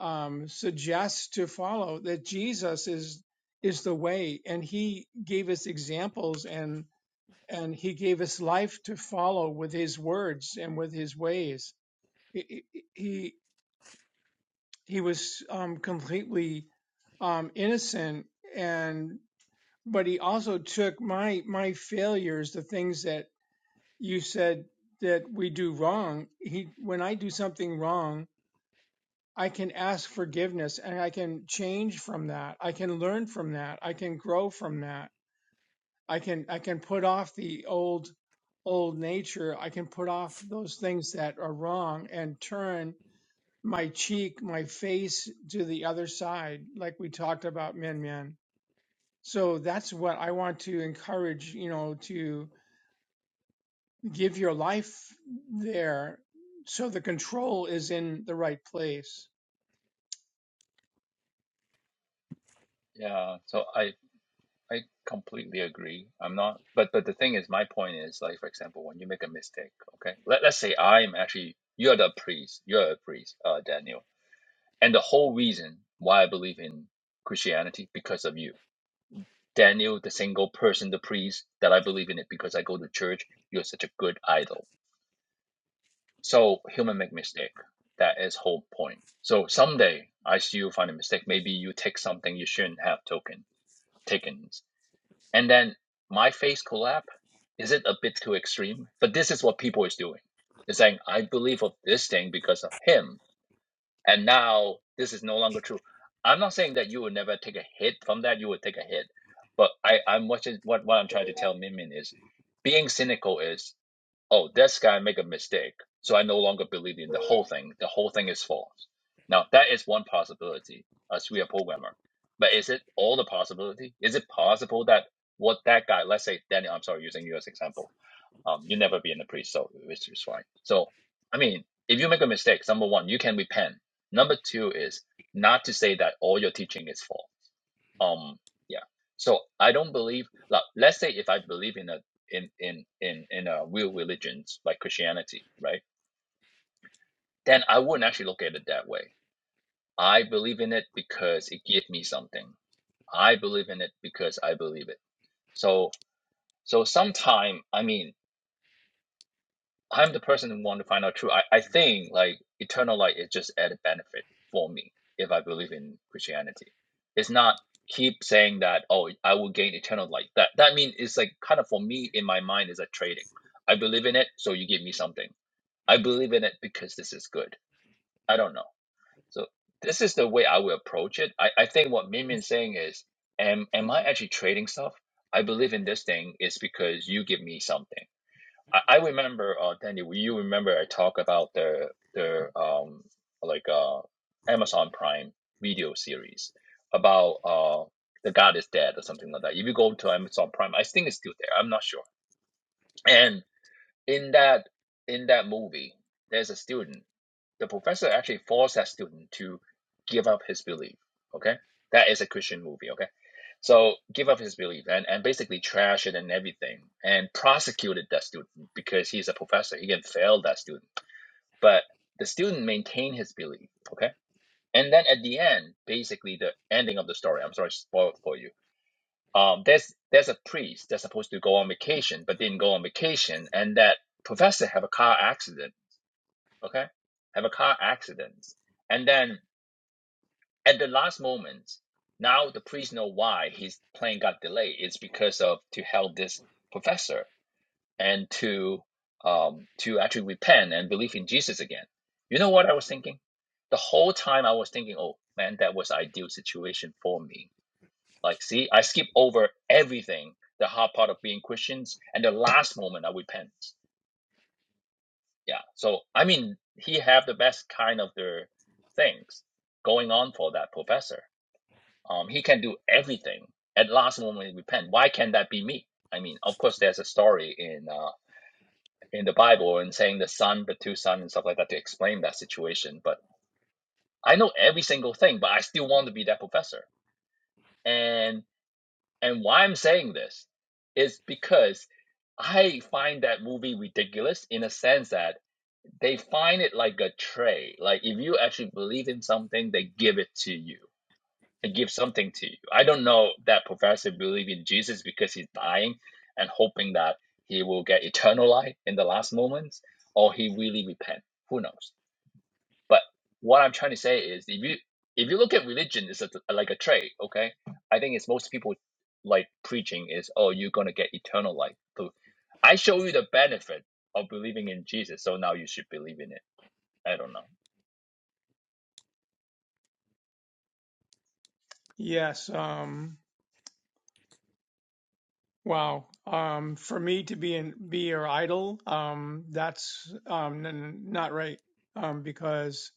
um, suggests to follow that Jesus is is the way, and He gave us examples and and He gave us life to follow with His words and with His ways. He He, he was um, completely um, innocent, and but He also took my my failures, the things that you said that we do wrong. He when I do something wrong I can ask forgiveness and I can change from that. I can learn from that. I can grow from that. I can I can put off the old old nature. I can put off those things that are wrong and turn my cheek, my face to the other side, like we talked about Min Min. So that's what I want to encourage, you know, to give your life there so the control is in the right place. Yeah. So I I completely agree. I'm not, but but the thing is, my point is like, for example, when you make a mistake, okay, let let's say I'm actually you're the priest, you're a priest, uh, Daniel, and the whole reason why I believe in Christianity because of you, Daniel, the single person, the priest that I believe in it because I go to church. You're such a good idol. So human make mistake. That is whole point. So someday I see you find a mistake. Maybe you take something you shouldn't have taken, taken. And then my faith collab, is it a bit too extreme? But this is what people is doing. It's saying, I believe of this thing because of him. And now this is no longer true. I'm not saying that you would never take a hit from that, you would take a hit. But I, I'm what, what what I'm trying to tell Min Min is being cynical is oh, this guy make a mistake, so I no longer believe in the whole thing. The whole thing is false. Now that is one possibility as we are programmer. But is it all the possibility? Is it possible that what that guy, let's say Daniel, I'm sorry, using you as example, um, you never be in a priest, so it's is fine. So I mean, if you make a mistake, number one, you can repent. Number two is not to say that all your teaching is false um yeah so i don't believe like let's say if i believe in a in in in in a real religions like christianity right then i wouldn't actually look at it that way i believe in it because it gives me something i believe in it because i believe it so so sometime i mean I'm the person who want to find out truth. I, I think like eternal life is just added benefit for me if I believe in Christianity. It's not keep saying that oh I will gain eternal life. That that means it's like kind of for me in my mind is a trading. I believe in it, so you give me something. I believe in it because this is good. I don't know. So this is the way I will approach it. I, I think what Mimin's saying is am am I actually trading stuff? I believe in this thing is because you give me something. I, I remember, uh, Danny, you remember I talked about the the um like uh Amazon Prime video series about uh the God is dead or something like that. If you go to Amazon Prime, I think it's still there. I'm not sure. And in that in that movie, there's a student. The professor actually forced that student to give up his belief. Okay, that is a Christian movie. Okay so give up his belief and, and basically trash it and everything and prosecuted that student because he's a professor. He can fail that student. But the student maintained his belief. Okay. And then at the end, basically the ending of the story, I'm sorry, I spoiled for you. Um, there's there's a priest that's supposed to go on vacation, but didn't go on vacation, and that professor have a car accident, okay? Have a car accident. And then at the last moment, now the priest know why his plane got delayed. It's because of to help this professor and to um to actually repent and believe in Jesus again. You know what I was thinking? The whole time I was thinking, oh man, that was the ideal situation for me. Like, see, I skip over everything, the hard part of being Christians, and the last moment I repent. Yeah. So I mean, he have the best kind of the things going on for that professor Um, he can do everything. At last moment, he repent. Why can't that be me? I mean, of course, there's a story in uh, in the Bible and saying the son, the two sons, and stuff like that to explain that situation. But I know every single thing, but I still want to be that professor. And and why I'm saying this is because I find that movie ridiculous in a sense that they find it like a tray. Like if you actually believe in something, they give it to you and give something to you. I don't know that professor believe in Jesus because he's dying and hoping that he will get eternal life in the last moments, or he really repent. Who knows? But what I'm trying to say is, if you if you look at religion, it's a- like a trade. Okay, I think it's most people like preaching is, oh, you're gonna get eternal life. So I show you the benefit of believing in Jesus, so now you should believe in it. I don't know. Yes, um Wow. Um, for me to be in, be your idol, um, that's um, n- not right. Um, because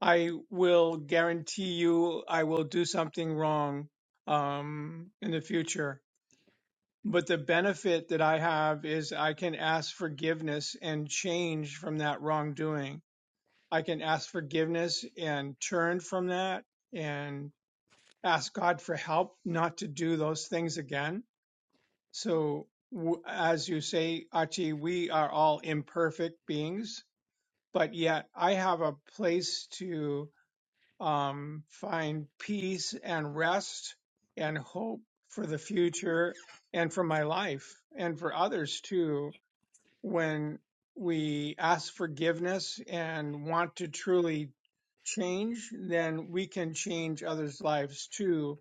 I will guarantee you I will do something wrong um, in the future. But the benefit that I have is I can ask forgiveness and change from that wrongdoing. I can ask forgiveness and turn from that and ask God for help not to do those things again so, w- as you say, Achi, we are all imperfect beings, but yet I have a place to um, find peace and rest and hope for the future and for my life and for others too when we ask forgiveness and want to truly change then we can change others lives too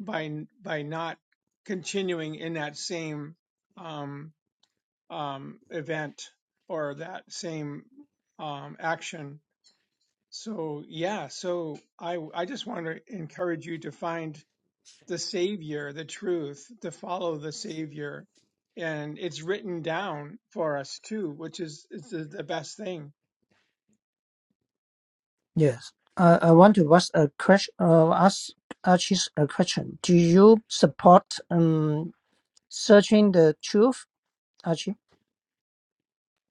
by by not continuing in that same um um, event or that same um, action. So yeah, so I I just want to encourage you to find the Savior, the truth, to follow the Savior, and it's written down for us too, which is is the the best thing. Yes. I, I want to ask a question, uh, ask Archie a question. Do you support um searching the truth, Archie?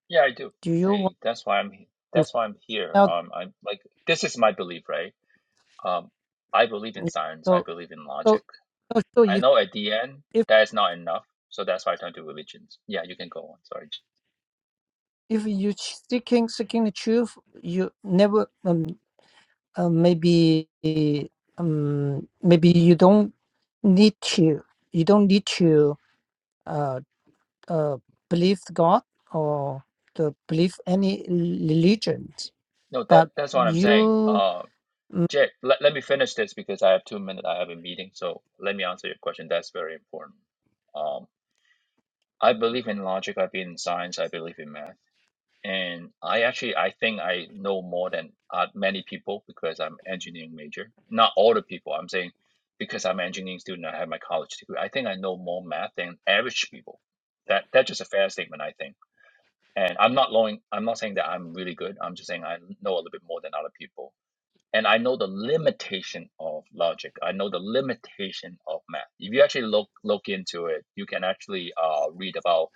Yeah, I do. Do you want I that's why I'm he- to that's why I'm here. find out? Um, I'm like this is my belief, right? Um, I believe in science. I So, believe in so, logic. so so I if know at the end if that is not enough, so that's why I turn to religions. Yeah, you can go on. Sorry. if you seeking seeking the truth, you never um, uh, maybe um, maybe you don't need to you don't need to uh, uh, believe God or to believe any religions, No, but that that's what I'm saying. you Uh, Jake, let, let me finish this because I have two minutes. I have a meeting, so let me answer your question. That's very important. Um, I believe in logic. I believe in science. I believe in math. and I actually I think I know more than uh, many people because I'm engineering major. Not all the people. I'm saying because I'm engineering student, I have my college degree. I think I know more math than average people. That that's just a fair statement, I think. And I'm not knowing, I'm not saying that I'm really good. I'm just saying I know a little bit more than other people and I know the limitation of logic. I know the limitation of math. If you actually look look into it, you can actually uh, read about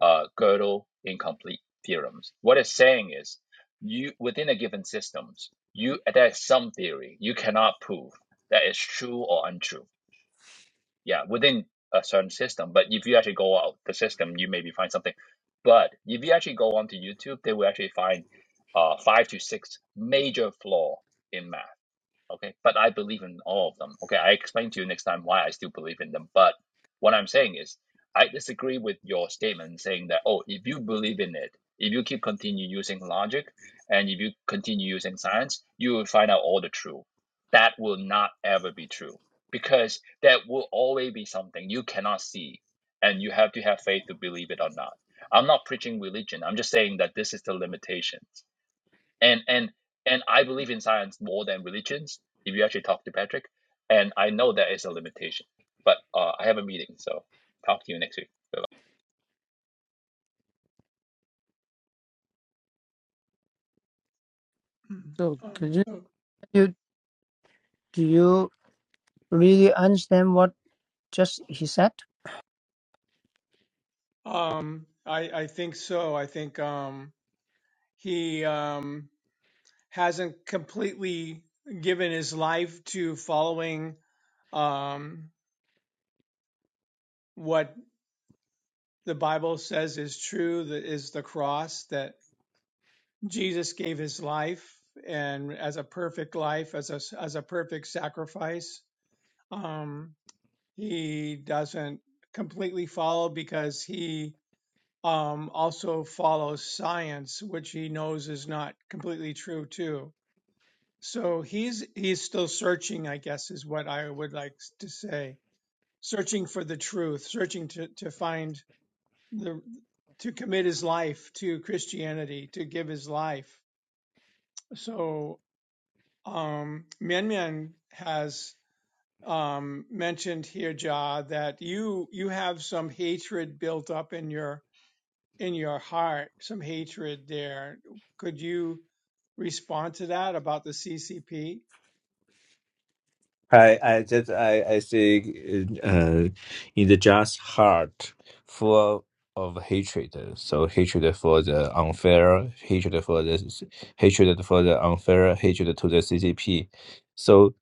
uh, Gödel incomplete theorems. What it's saying is, you within a given systems, you there's some theory you cannot prove that is true or untrue. Yeah, within a certain system. But if you actually go out the system, you maybe find something. But if you actually go onto YouTube, they will actually find uh, five to six major flaw in math Okay, but I believe in all of them. Okay, I explain to you next time why I still believe in them. But what I'm saying is, I disagree with your statement saying that, oh, if you believe in it, if you keep continue using logic and if you continue using science, you will find out all the truth. That will not ever be true because there will always be something you cannot see and you have to have faith to believe it or not. I'm not preaching religion. I'm just saying that this is the limitations and and and I believe in science more than religions. If you actually talk to Patrick, and I know that is a limitation, but uh, I have a meeting, so talk to you next week. so Um, could you so you- do you really understand what just he said? um, I I think so. I think um, he um, hasn't completely given his life to following um, what the Bible says is true, that is the cross that Jesus gave his life and as a perfect life, as a, as a perfect sacrifice. Um, he doesn't completely follow because he um, also follows science, which he knows is not completely true too. So he's he's still searching, I guess, is what I would like to say. Searching for the truth, searching to, to find the to commit his life to Christianity, to give his life. So um, Mian has um, mentioned here, Jah, that you you have some hatred built up in your in your heart, some hatred there. Could you respond to that about the CCP? I, I just I, I think uh, in the just heart full of hatred. So hatred for the unfair, hatred for the hatred for the unfair, hatred to the CCP. So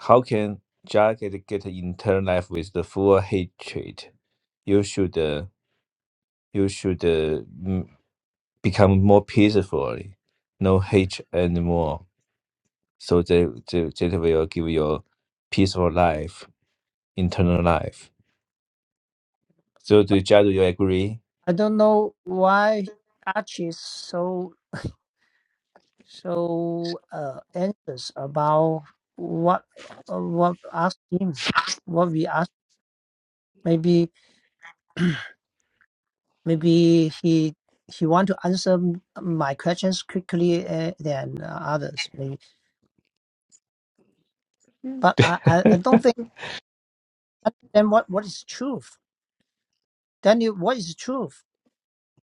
how can Jagged get internal life with the full hatred? You should uh, you should uh, m- become more peaceful, no hate anymore. So that, that, that will give you a peaceful life internal life. So do Jia, do you agree? I don't know why Archie is so so uh, anxious about what uh, what asked him what we asked maybe. Maybe he he want to answer m- my questions quickly uh, than uh, others. Maybe, but I, I, I don't think I understand what what is truth. Daniel, what is truth?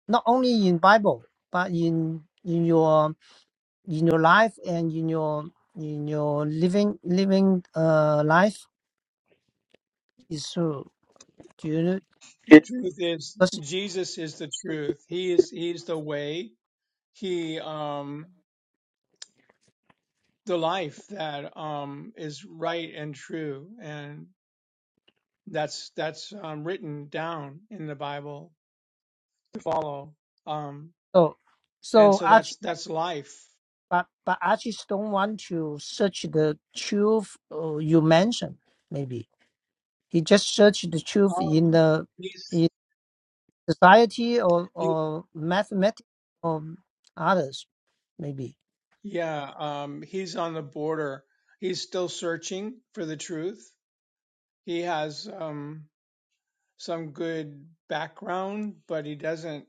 Not only in Bible, but in in your in your life and in your in your living living uh life is true. Do you know? The truth is, because- Jesus is the truth. He is He's the way. He um, the life that um, is right and true, and that's that's um, written down in the Bible to follow. Um, So and so so that's Archie, that's life. but but Archie don't want to search the truth uh, you mentioned. Maybe. He just searched the truth in Um, the he's in society or he, or mathematics or others maybe. yeah, um, he's on the border. He's still searching for the truth. He has um, some good background, but he doesn't.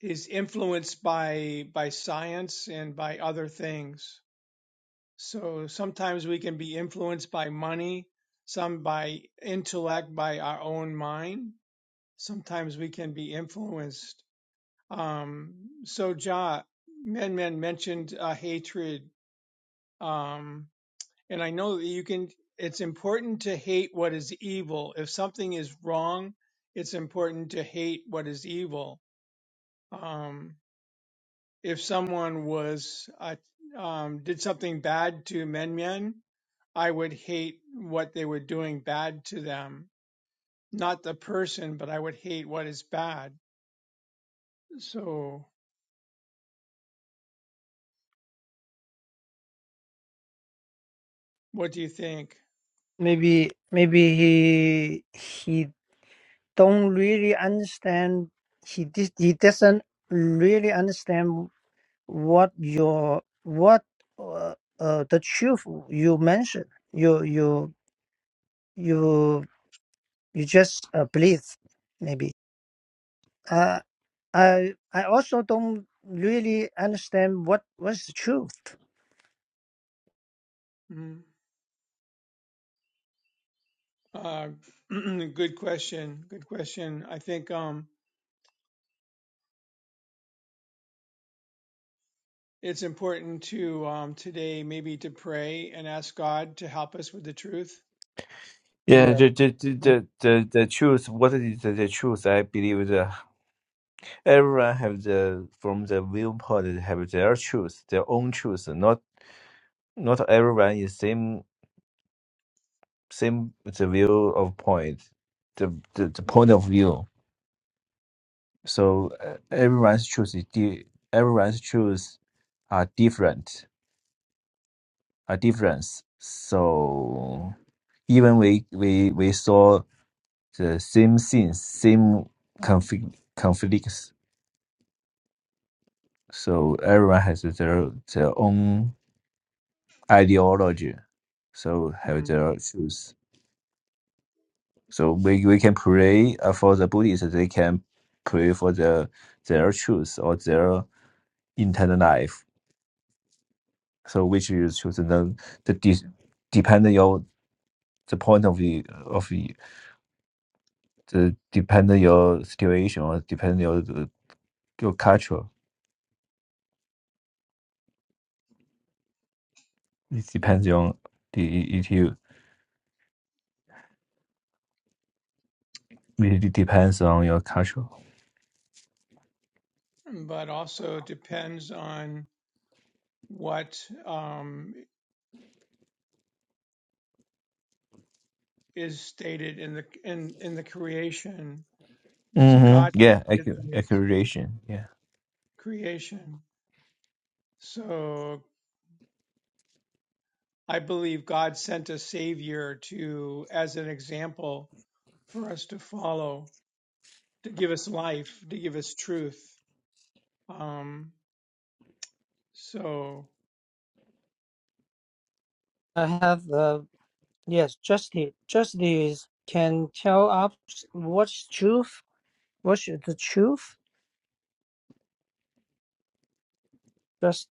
He's influenced by by science and by other things So sometimes we can be influenced by money, some by intellect, by our own mind. Sometimes we can be influenced. Um, so Ja, Men Men mentioned uh, hatred, um, and I know that you can. It's important to hate what is evil. If something is wrong, it's important to hate what is evil. Um, if someone was uh, um, did something bad to Men Men, I would hate what they were doing bad to them. Not the person, but I would hate what is bad. So, what do you think? Maybe maybe he he don't really understand. He dis- he doesn't really understand what your what uh, uh, the truth you mentioned. You you you you just uh, believe maybe uh, i i also don't really understand what what's the truth Mm. Uh, good question. Good question. I think um, it's important to um, today maybe to pray and ask God to help us with the truth. Yeah, yes the the the um, the, the the truth. What is the, the truth? I believe that everyone have the from the viewpoint they have their truth, their own truth. Not not everyone is same same the view of point, the the, the point of view. So uh, everyone's truth is di- everyone's truth are different are difference. So even we we we saw. the same scenes, same conflict, conflicts. So everyone has their their own ideology. So have Mm. their choice. So we, we can pray uh, for the Buddhists. They can pray for the their truth or their internal life. So which is choose? the the de- depending on the point of view of you- the depending your situation or depending your your culture. It depends on the it, It depends on your culture. But also depends on what um, is stated in the in in the creation. See, hmm God Yeah, did accu- things accusation. Yeah. creation. So I believe God sent a savior to, as an example for us to follow, to give us life, to give us truth. Um, so, i have uh, yes justice justice can tell us what's truth what's the truth just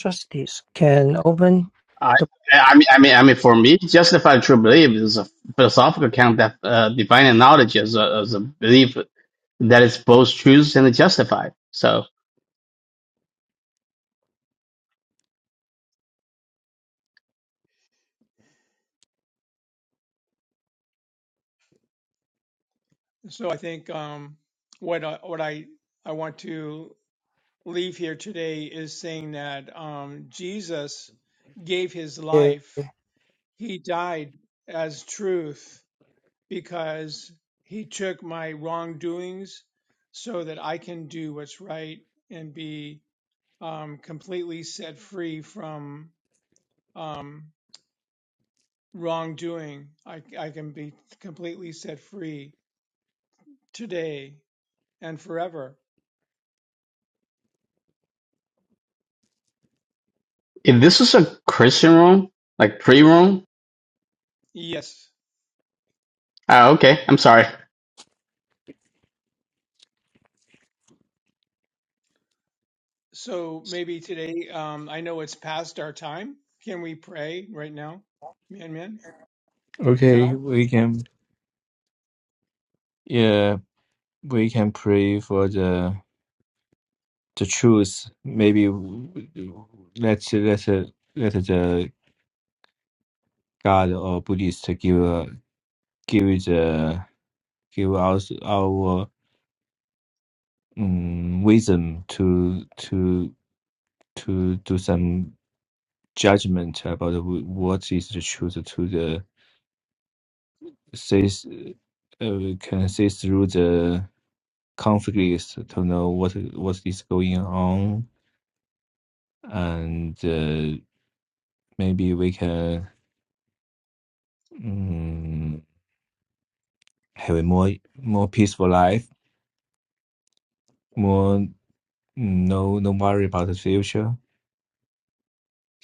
justice can open I, I mean, I mean, I mean, for me, justified true belief is a philosophical account that uh, defining knowledge as a, as a belief that is both true and justified. So, so I think, um, what I, what I, I want to leave here today is saying that, um, Jesus gave his the life. He died as truth because he took my wrongdoings so that I can do what's right and be um, completely set free from um, wrongdoing. I, I can be completely set free today and forever. if this was a Christian room, like pre room, Yes. uh, okay, I'm sorry. So maybe today, um, I know it's past our time. Can we pray right now? Mian Mian? Okay, Ja? we can. Yeah, we can pray for the the truth. Maybe w- w- let let let the God or Buddhist give uh, give the give us our um, wisdom to to to do some judgment about wh- what is the truth to the says uh, can say through the conflicts to know what what is going on, and uh, maybe we can mm have a more more peaceful life, more mm, no no worry about the future.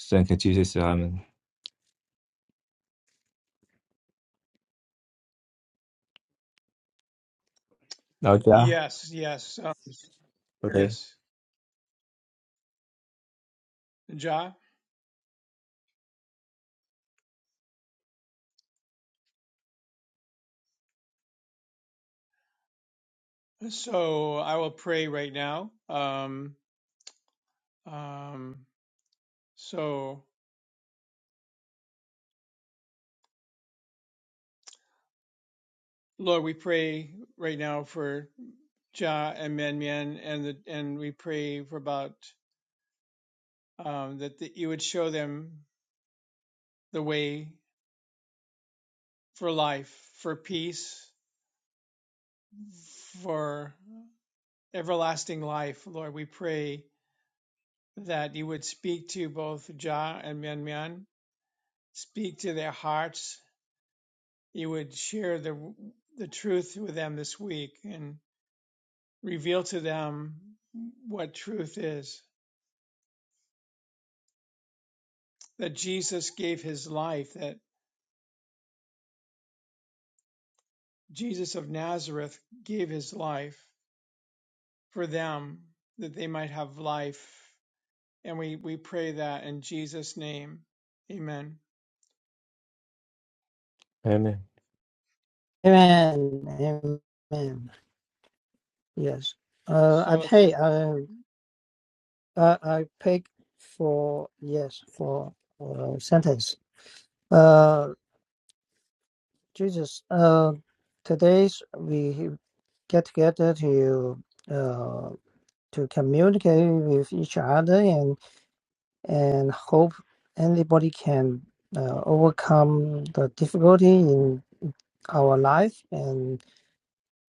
Thank you, Jesus. Amen. Okay. Yes, yes, um, Okay. yes. Ja? So I will pray right now. Um, um, so Lord, we pray right now for Ja and Mian Mian, and the, and we pray for about um, that the, you would show them the way for life, for peace, for everlasting life. Lord, we pray that you would speak to both Ja and Mian Mian, speak to their hearts. You would share the the truth with them this week and reveal to them what truth is that Jesus gave his life, that Jesus of Nazareth gave his life for them, that they might have life. And we, we pray that in Jesus' name. Amen. Amen. Amen. Amen. Yes. Uh, I So, if pay. it- Uh, I I pay for yes for uh, sentence. Uh, Jesus. Uh, today's we get together to uh to communicate with each other and and hope anybody can uh, overcome the difficulty in our life and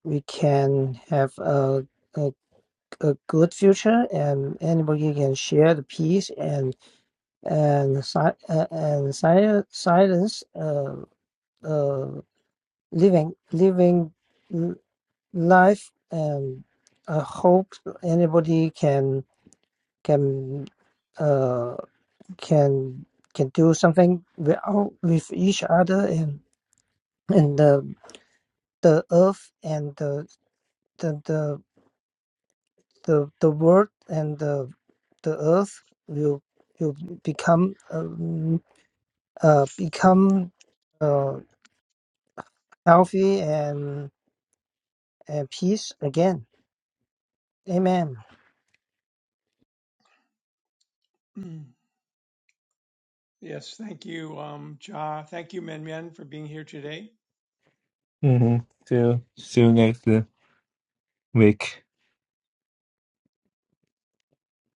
we can have a a good future and anybody can share the peace and and si- uh, and si- silence uh, uh, living living l- life and I hope anybody can can uh, can can do something with, our- with each other and and the the earth and the the the the, the world and the the earth will will become um, uh, become uh, healthy and and peace again. Amen. yes, thank you, um, Ja. Thank you, Min Min, for being here today. Mm-hmm. See you. See you next week.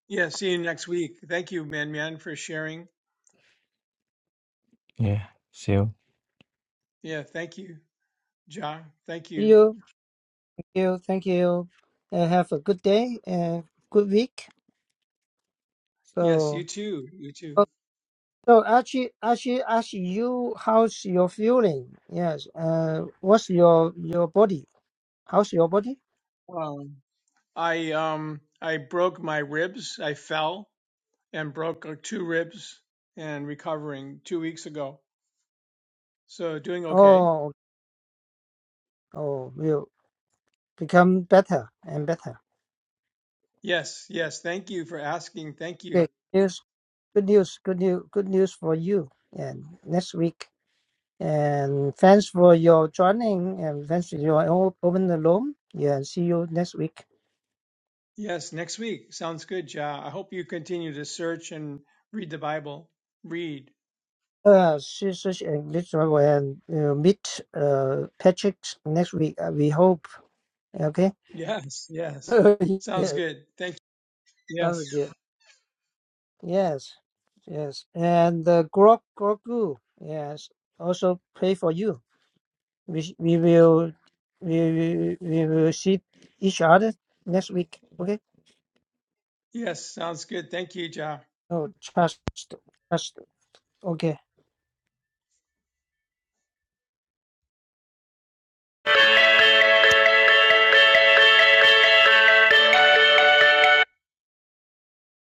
Yeah, see you next week. Thank you, Min Min, for sharing. Yeah. See you. Yeah, thank you, Ja. Thank See you. you. Thank you. Thank you. And have a good day and good week. Yes, you So too. You too. oh, so actually actually ask you how's your feeling? Yes. Uh, what's your your body? How's your body? Um, I um I broke my ribs. I fell and broke uh, two ribs and recovering two weeks ago. So doing okay. Oh oh will become better and better. Yes, yes. Thank you for asking. Thank you. Okay, good news, good news, good news, good news for you. And next week. And thanks for your joining. And thanks for your o- open the room. Yeah, see you next week. Yes, next week sounds good. Ja. I hope you continue to search and read the Bible. Read. Uh, see such English travel and uh, meet uh Patrick next week. Uh, we hope. Okay. Yes, yes. Sounds yes, good. Thank. you. sounds Yes, good. Yes, yes. And uh, Grok Grogu. Yes, also pray for you. we, sh- we will we, we, we will see each other next week okay yes. Sounds good. Thank you, Ja. oh trust trust okay